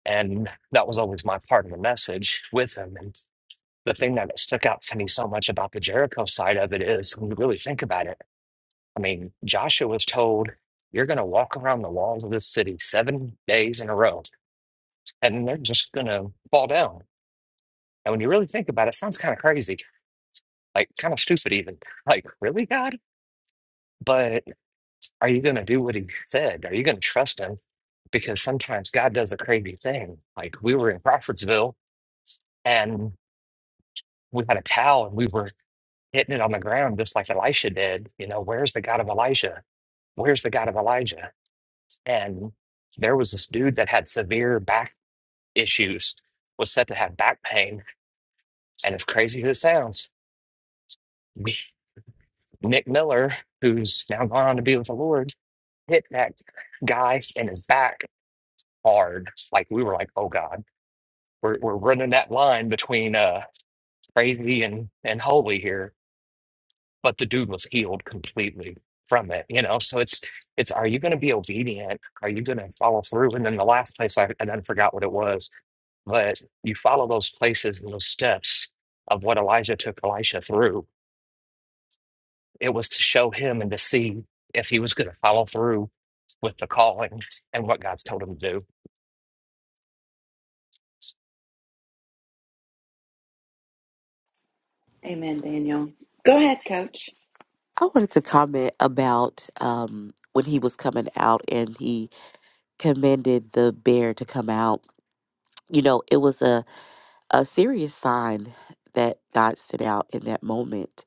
And that was always my part of the message with him. And the thing that stuck out to me so much about the Jericho side of it is when you really think about it, I mean, Joshua was told, you're going to walk around the walls of this city seven days in a row, and they're just going to fall down. And when you really think about it, it sounds kind of crazy Like, kind of stupid, even. Like, really, God? But are you going to do what he said? Are you going to trust him? Because sometimes God does a crazy thing. Like, we were in Crawfordsville and we had a towel and we were hitting it on the ground just like Elisha did. You know, where's the God of Elijah? Where's the God of Elijah? And there was this dude that had severe back issues, was said to have back pain. And as crazy as it sounds, Nick Miller, who's now gone on to be with the Lord, hit that guy in his back hard. Like we were like, oh God, we're we're running that line between uh crazy and and holy here. But the dude was healed completely from it, you know. So it's it's are you going to be obedient? Are you going to follow through? And then the last place I, I then forgot what it was, but you follow those places and those steps of what Elijah took Elisha through. It was to show him and to see if he was going to follow through with the calling and what God's told him to do.
Amen, Daniel. Go ahead, Coach.
I wanted to comment about um, when he was coming out and he commanded the bear to come out. You know, it was a, a serious sign that God sent out in that moment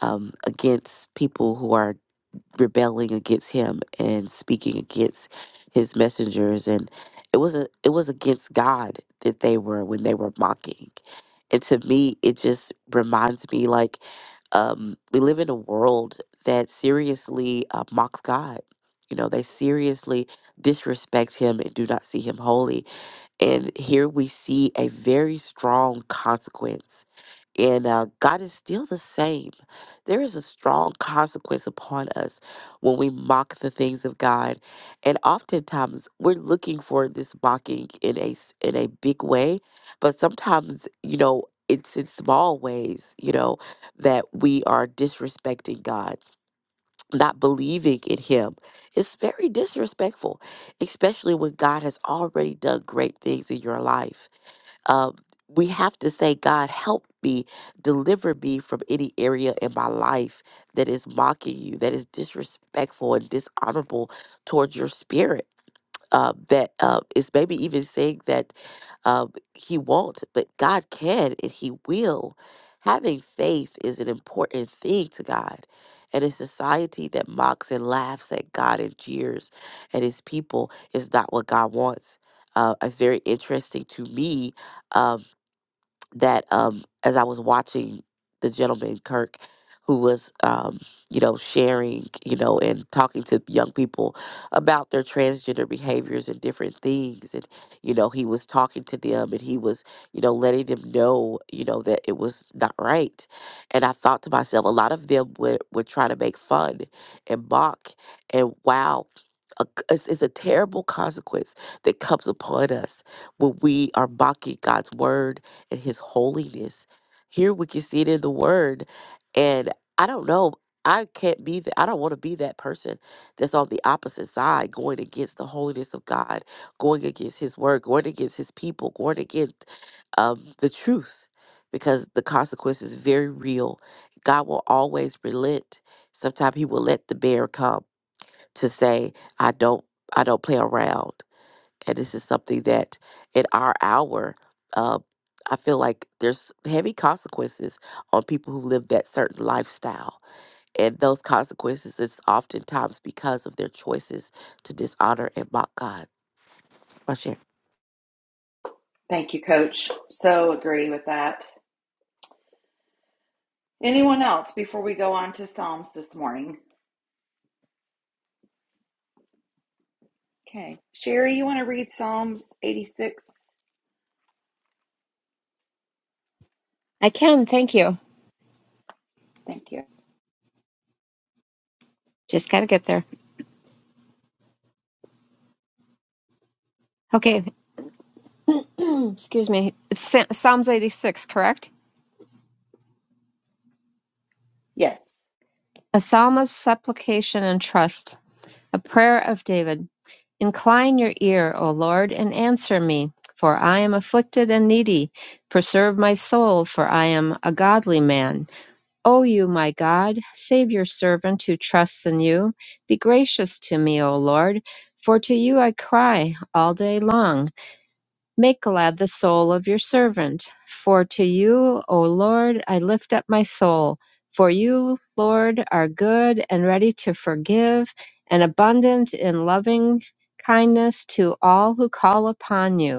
um, against people who are rebelling against him and speaking against his messengers and it was a, it was against God that they were when they were mocking. And to me it just reminds me like um we live in a world that seriously uh, mocks God. You know, they seriously disrespect him and do not see him holy. And here we see a very strong consequence and uh, God is still the same. There is a strong consequence upon us when we mock the things of God, and oftentimes we're looking for this mocking in a s- in a big way, but sometimes you know it's in small ways, you know, that we are disrespecting God, not believing in Him. It's very disrespectful, especially when God has already done great things in your life um, we have to say, God, help me, deliver me from any area in my life that is mocking you, that is disrespectful and dishonorable towards your spirit uh, that uh, is maybe even saying that um, he won't, but God can and he will. Having faith is an important thing to God. And a society that mocks and laughs at God and jeers at his people is not what God wants. Uh, it's very interesting to me um, that um as I was watching the gentleman Kirk who was um you know sharing you know and talking to young people about their transgender behaviors and different things and you know he was talking to them and he was you know letting them know you know that it was not right and I thought to myself a lot of them would would try to make fun and mock and wow a c- it's, it's a terrible consequence that comes upon us when we are mocking God's word and his holiness. Here we can see it in the word. And I don't know. I can't be that. I don't want to be that person that's on the opposite side, going against the holiness of God, going against his word, going against his people, going against um, the truth, because the consequence is very real. God will always relent. Sometimes he will let the bear come to say, I don't, I don't play around and this is something that in our hour uh, i feel like there's heavy consequences on people who live that certain lifestyle and those consequences is oftentimes because of their choices to dishonor and mock god That's my share
Thank you, Coach. So agree with that. Anyone else before we go on to Psalms this morning? Okay. Sherry, you want to read Psalms 86?
I can, thank you.
Thank you.
Just gotta get there. Okay, excuse me. It's Sa- Psalms 86, correct?
Yes.
A psalm of supplication and trust, a prayer of David. Incline your ear, O Lord, and answer me, for I am afflicted and needy. Preserve my soul, for I am a godly man. O you, my God, save your servant who trusts in you. Be gracious to me, O Lord, for to you I cry all day long. Make glad the soul of your servant. For to you, O Lord, I lift up my soul. For you, Lord, are good and ready to forgive, and abundant in loving kindness to all who call upon you.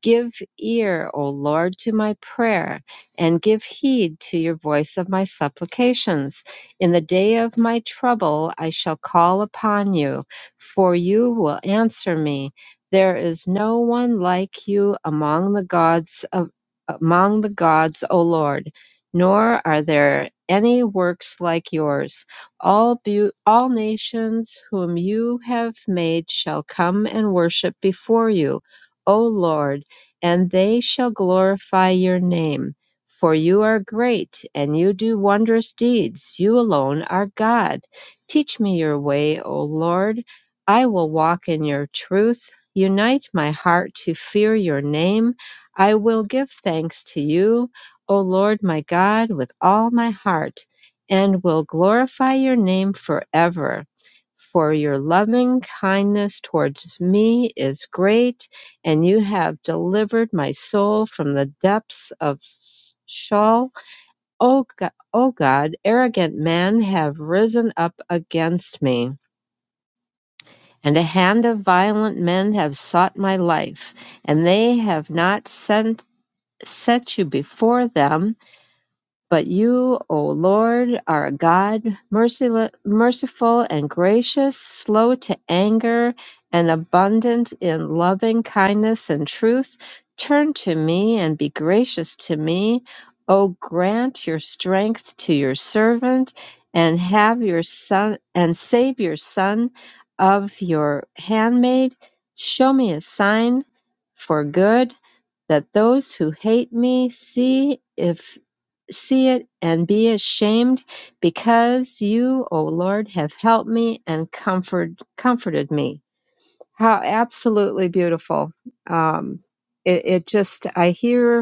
Give ear, O Lord, to my prayer, and give heed to your voice of my supplications. In the day of my trouble I shall call upon you, for you will answer me. There is no one like you among the gods of among the gods, O Lord, nor are there any works like yours. All beau- all nations whom you have made shall come and worship before you, O Lord and they shall glorify your name. For you are great, and you do wondrous deeds. You alone are God. Teach me your way, O Lord. I will walk in your truth. Unite my heart to fear your name. I will give thanks to you, O Lord my God, with all my heart, and will glorify your name forever. For your loving kindness towards me is great and you have delivered my soul from the depths of Sheol. O God, o God, arrogant men have risen up against me, and a hand of violent men have sought my life, and they have not sent, set you before them But you, O Lord, are a God, mercil- merciful and gracious, slow to anger, and abundant in loving kindness and truth. Turn to me and be gracious to me. O grant your strength to your servant, and have your son and save your son of your handmaid. Show me a sign for good that those who hate me see if see it and be ashamed because you, O Lord, have helped me and comfort, comforted me. How absolutely beautiful. Um, it, it just, I hear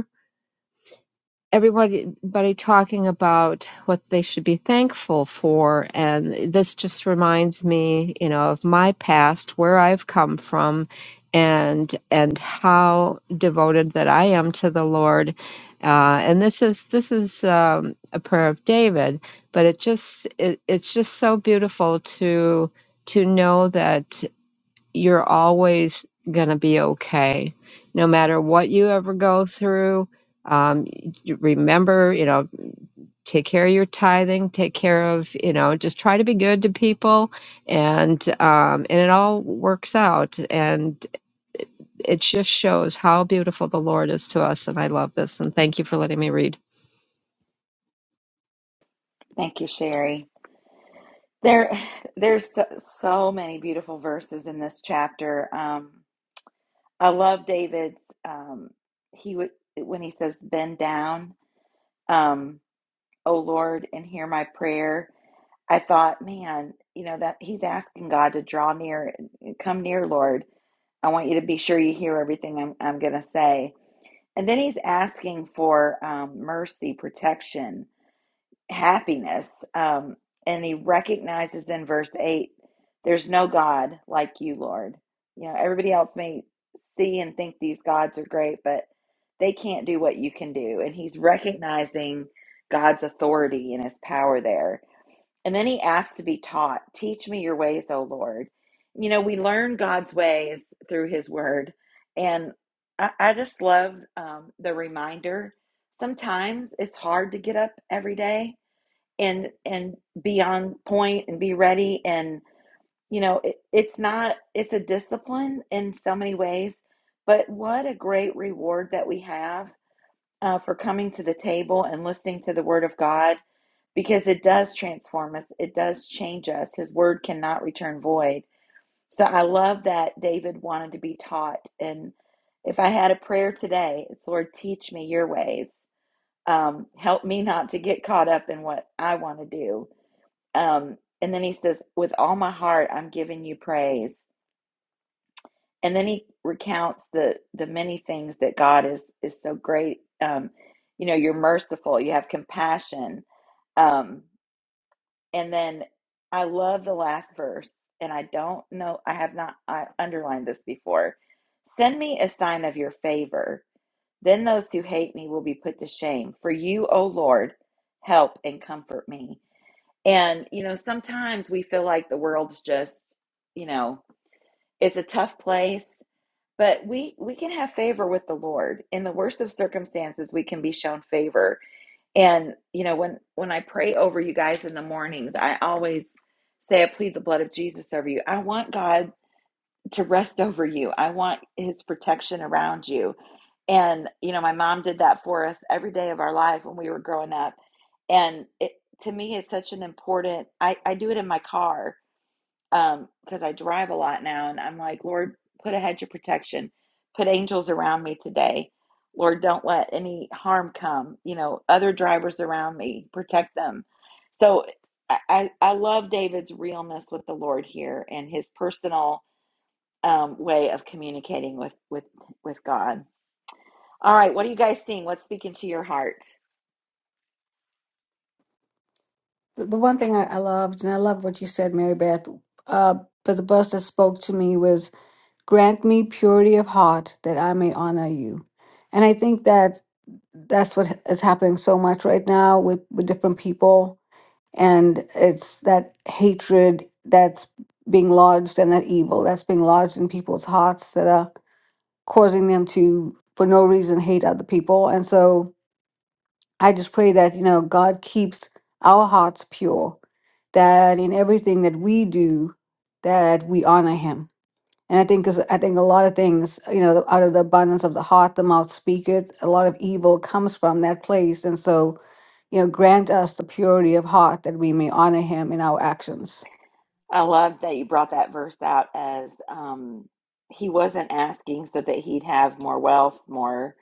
everybody everybody talking about what they should be thankful for and this just reminds me you know of my past where i've come from and and how devoted that i am to the lord uh, and this is this is um, a prayer of david but it just it, it's just so beautiful to to know that you're always going to be okay no matter what you ever go through um you remember you know take care of your tithing take care of you know just try to be good to people and um and it all works out And it it just shows how beautiful the Lord is to us. And I love this. And thank you for letting me read.
Thank you, Sherry. There, there's so, so many beautiful verses in this chapter. Um, I love David's. Um, he would when he says, "Bend down, um, O Lord, and hear my prayer." I thought, man, you know that he's asking God to draw near, come near, Lord. I want you to be sure you hear everything I'm I'm gonna say And then he's asking for um, mercy, protection, happiness. Um, and he recognizes in verse 8 there's no God like you, Lord. You know, everybody else may see and think these gods are great, but they can't do what you can do. And he's recognizing God's authority and his power there. And then he asked to be taught, Teach me your ways, O Lord. You know, we learn God's ways through his word. And I, I just love um, the reminder. Sometimes it's hard to get up every day and and be on point and be ready and you know it, it's not it's a discipline in so many ways but what a great reward that we have uh, for coming to the table and listening to the word of god because it does transform us, it does change us. His word cannot return void. So I love that David wanted to be taught. And if I had a prayer today, it's Lord, teach me your ways. Um, help me not to get caught up in what I want to do. Um, and then he says, with all my heart, I'm giving you praise. And then he recounts the the many things that God is is so great. Um, you know, you're merciful, you have compassion. Um, And then I love the last verse, and I don't know, I have not I underlined this before. Send me a sign of your favor. Then those who hate me will be put to shame. For you, O Lord, help and comfort me. And, you know, sometimes we feel like the world's just, you know, it's a tough place, but we we can have favor with the Lord. In the worst of circumstances, we can be shown favor and you know, when when I pray over you guys in the mornings, I always say I plead the blood of Jesus over you. I want God to rest over you. I want his protection around you. And you know, my mom did that for us every day of our life when we were growing up. And it to me it's such an important I, I do it in my car um because I drive a lot now and I'm like, Lord, put a hedge of protection, put angels around me today. Lord, don't let any harm come. You know, other drivers around me, protect them. So I, I love David's realness with the Lord here and his personal um, way of communicating with with with God. All right, what are you guys seeing? What's speaking to your heart?
The the one thing I, I loved, and I love what you said, Mary Beth, uh, but the verse that spoke to me was, Grant me purity of heart that I may honor you. And I think that that's what is happening so much right now with, with different people. And it's that hatred that's being lodged and that evil that's being lodged in people's hearts that are causing them to, for no reason, hate other people. And so I just pray that, you know, God keeps our hearts pure, that in everything that we do, that we honor him. And I think 'cause I think a lot of things, you know, out of the abundance of the heart, the mouth speaketh. A lot of evil comes from that place. And so, you know, grant us the purity of heart that we may honor him in our actions.
I love that you brought that verse out as um, he wasn't asking so that he'd have more wealth, more.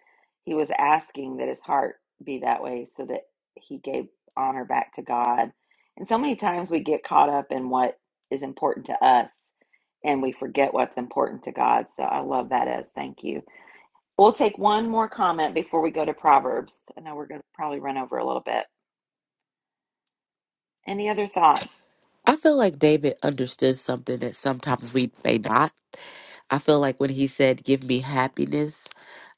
He was asking that his heart be that way so that he gave honor back to God. And so many times we get caught up in what is important to us and we forget what's important to God. So I love that as thank you. We'll take one more comment before we go to Proverbs. I know we're going to probably run over a little bit. Any other thoughts?
i feel like david understood something that sometimes we may not I feel like when he said, Give me happiness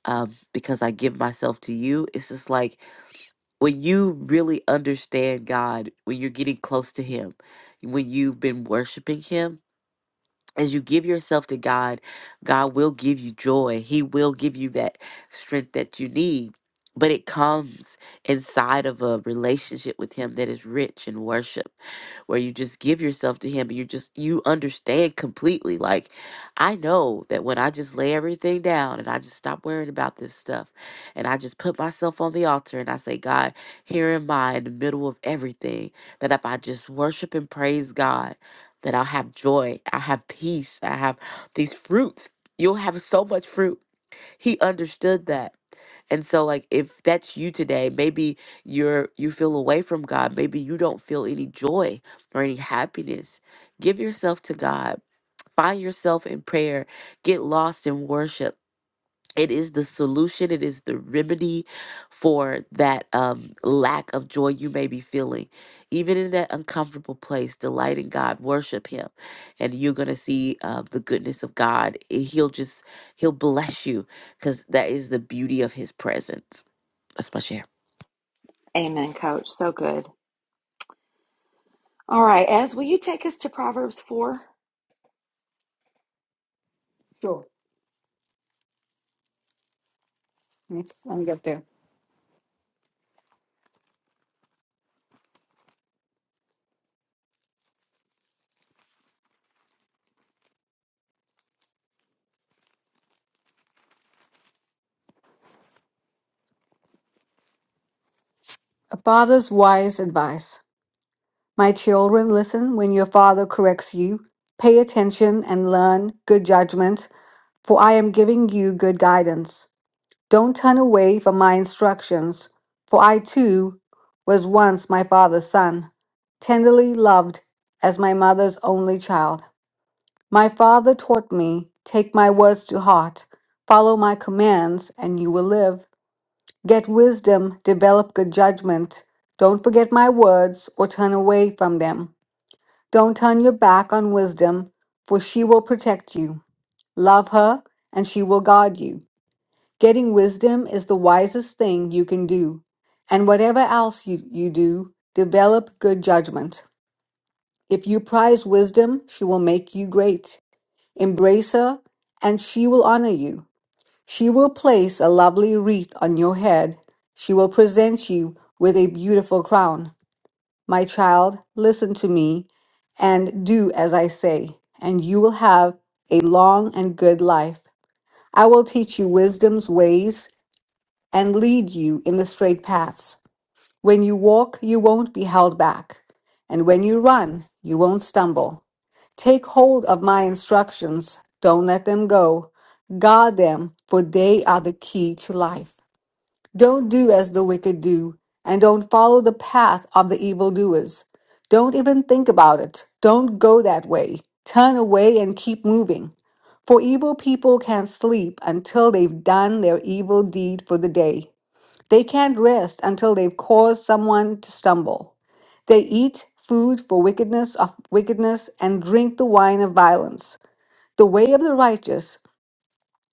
um, because I give myself to you, it's just like when you really understand God, when you're getting close to Him, when you've been worshiping Him, as you give yourself to God, God will give you joy. He will give you that strength that you need. But it comes inside of a relationship with Him that is rich in worship, where you just give yourself to Him. You just, you understand completely. Like, I know that when I just lay everything down and I just stop worrying about this stuff and I just put myself on the altar and I say, God, here am I in the middle of everything, that if I just worship and praise God, that I'll have joy, I have peace, I have these fruits. You'll have so much fruit. He understood that. And so like if that's you today, maybe you're you feel away from God, maybe you don't feel any joy or any happiness. Give yourself to God. Find yourself in prayer. Get lost in worship it is the solution it is the remedy for that um, lack of joy you may be feeling even in that uncomfortable place delight in god worship him and you're gonna see uh, the goodness of god Eh, he'll just he'll bless you because that is the beauty of his presence that's my share
Amen, coach. So good. All right, Ez, will you take us to Proverbs 4?
Sure. Let me let me get there. A father's wise advice. My children, listen when your father corrects you. Pay attention and learn good judgment for I am giving you good guidance. Don't turn away from my instructions, for I too was once my father's son, tenderly loved as my mother's only child. My father taught me, take my words to heart, follow my commands, and you will live. Get wisdom, develop good judgment. Don't forget my words or turn away from them. Don't turn your back on wisdom, for she will protect you. Love her, and she will guard you. Getting wisdom is the wisest thing you can do. And whatever else you, you do, develop good judgment. If you prize wisdom, she will make you great. Embrace her, and she will honor you. She will place a lovely wreath on your head. She will present you with a beautiful crown. My child, listen to me and do as I say, and you will have a long and good life. I will teach you wisdom's ways and lead you in the straight paths. When you walk, you won't be held back, and when you run, you won't stumble. Take hold of my instructions, don't let them go. Guard them, for they are the key to life. Don't do as the wicked do, and don't follow the path of the evildoers. Don't even think about it. Don't go that way. Turn away and keep moving. For evil people can't sleep until they've done their evil deed for the day. They can't rest until they've caused someone to stumble. They eat food for wickedness of wickedness and drink the wine of violence. The way of the righteous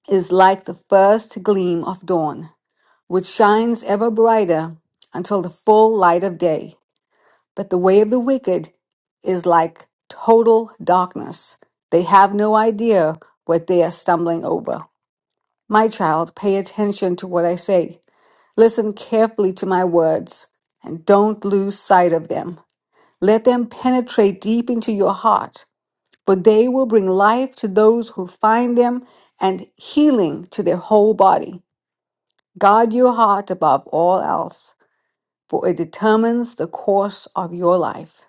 is like the first gleam of dawn, which shines ever brighter until the full light of day. But the way of the wicked is like total darkness. They have no idea what they are stumbling over. My child, pay attention to what I say. Listen carefully to my words and don't lose sight of them. Let them penetrate deep into your heart, for they will bring life to those who find them and healing to their whole body. Guard your heart above all else, for it determines the course of your life.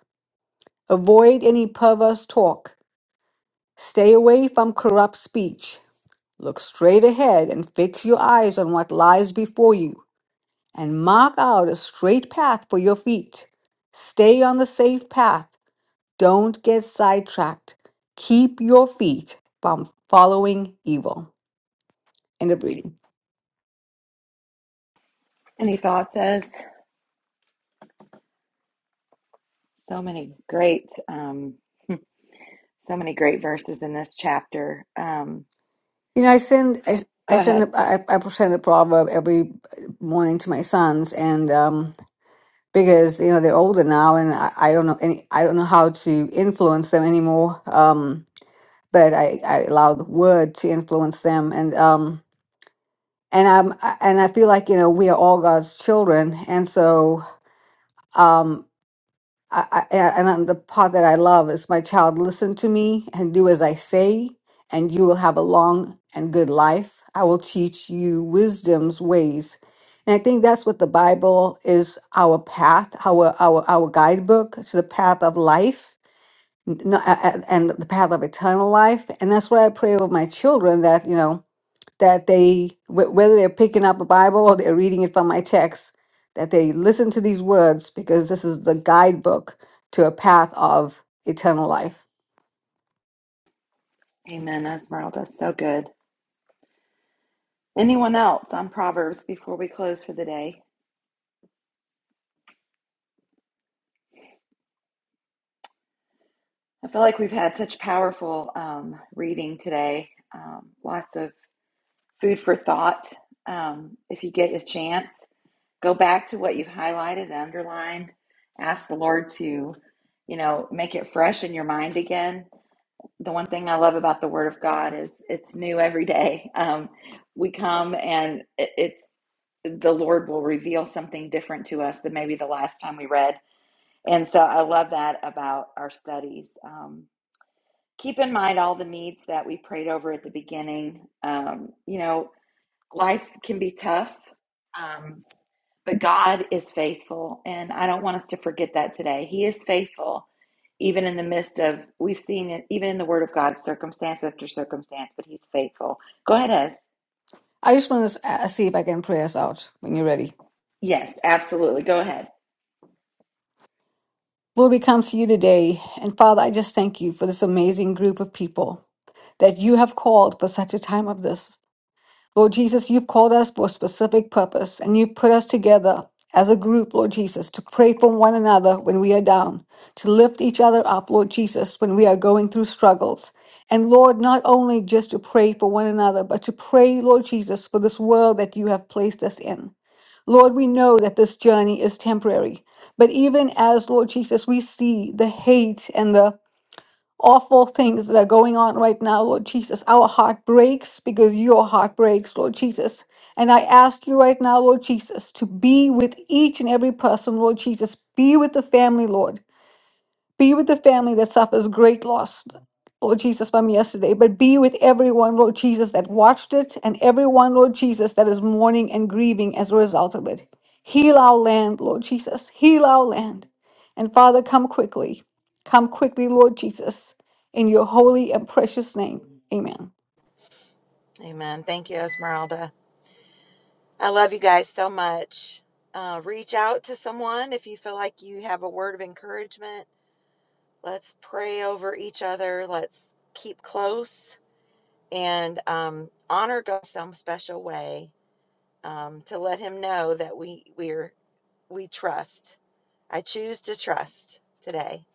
Avoid any perverse talk. Stay away from corrupt speech. Look straight ahead and fix your eyes on what lies before you. and mark out a straight path for your feet. Stay on the safe path. Don't get sidetracked. Keep your feet from following evil. End of reading.
Any thoughts, Ez? So many great, um, so many great verses in this chapter. Um,
You know, I send I,
go
I send
ahead.
a, I, I send a proverb every morning to my sons, and um, because you know they're older now, and I, I don't know any I don't know how to influence them anymore. Um, but I, I allow the word to influence them, and um, and I'm I- and I feel like you know we are all God's children, and so um I, I a- and I'm, the part that I love is my child listen to me and do as I say, and you will have a long and good life. I will teach you wisdom's ways, and I think that's what the Bible is our path, our our our guidebook to the path of life. n- n- a- a- And the path of eternal life, and that's what I pray with my children that you know that they wh- whether they're picking up a bible or they're reading it from my text that they listen to these words because this is the guidebook to a path of eternal life
Amen, Esmeralda. So good. Anyone else on Proverbs before we close for the day? I feel like we've had such powerful um, reading today. Um, lots of food for thought. Um, if you get a chance, go back to what you've highlighted underlined. Ask the Lord to, you know, make it fresh in your mind again the one thing I love about the Word of God is it's new every day. Um, we come and it, it's the Lord will reveal something different to us than maybe the last time we read. And so I love that about our studies. Um, keep in mind all the needs that we prayed over at the beginning. Um, you know, life can be tough. Um, but God is faithful, and I don't want us to forget that today. He is faithful, even in the midst of, we've seen it, even in the Word of God, circumstance after circumstance, but He's faithful. Go ahead, Ez.
i just want to uh, see if i can pray us out when you're ready
Yes, absolutely. Go ahead.
lord we come to you today and father i just thank you for this amazing group of people that you have called for such a time of this Lord Jesus, you've called us for a specific purpose and you've put us together as a group, Lord Jesus, to pray for one another when we are down, to lift each other up, Lord Jesus, when we are going through struggles. And Lord, not only just to pray for one another, but to pray, Lord Jesus, for this world that you have placed us in. Lord, we know that this journey is temporary, but even as, Lord Jesus, we see the hate and the awful things that are going on right now, Lord Jesus. Our heart breaks because your heart breaks, Lord Jesus. And I ask you right now, Lord Jesus, to be with each and every person, Lord Jesus. Be with the family, Lord. Be with the family that suffers great loss, Lord Jesus, from yesterday, but be with everyone, Lord Jesus, that watched it and everyone, Lord Jesus, that is mourning and grieving as a result of it. Heal our land, Lord Jesus. Heal our land. And Father, come quickly. Come quickly, Lord Jesus, in your holy and precious name. Amen.
Amen. Thank you, Esmeralda. I love you guys so much. Uh, reach out to someone if you feel like you have a word of encouragement. Let's pray over each other. Let's keep close and um, honor God in some special way. um, to let him know that we we're we trust. I choose to trust today.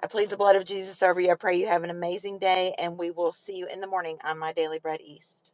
I plead the blood of Jesus over you. I pray you have an amazing day, and we will see you in the morning on my Daily Bread East.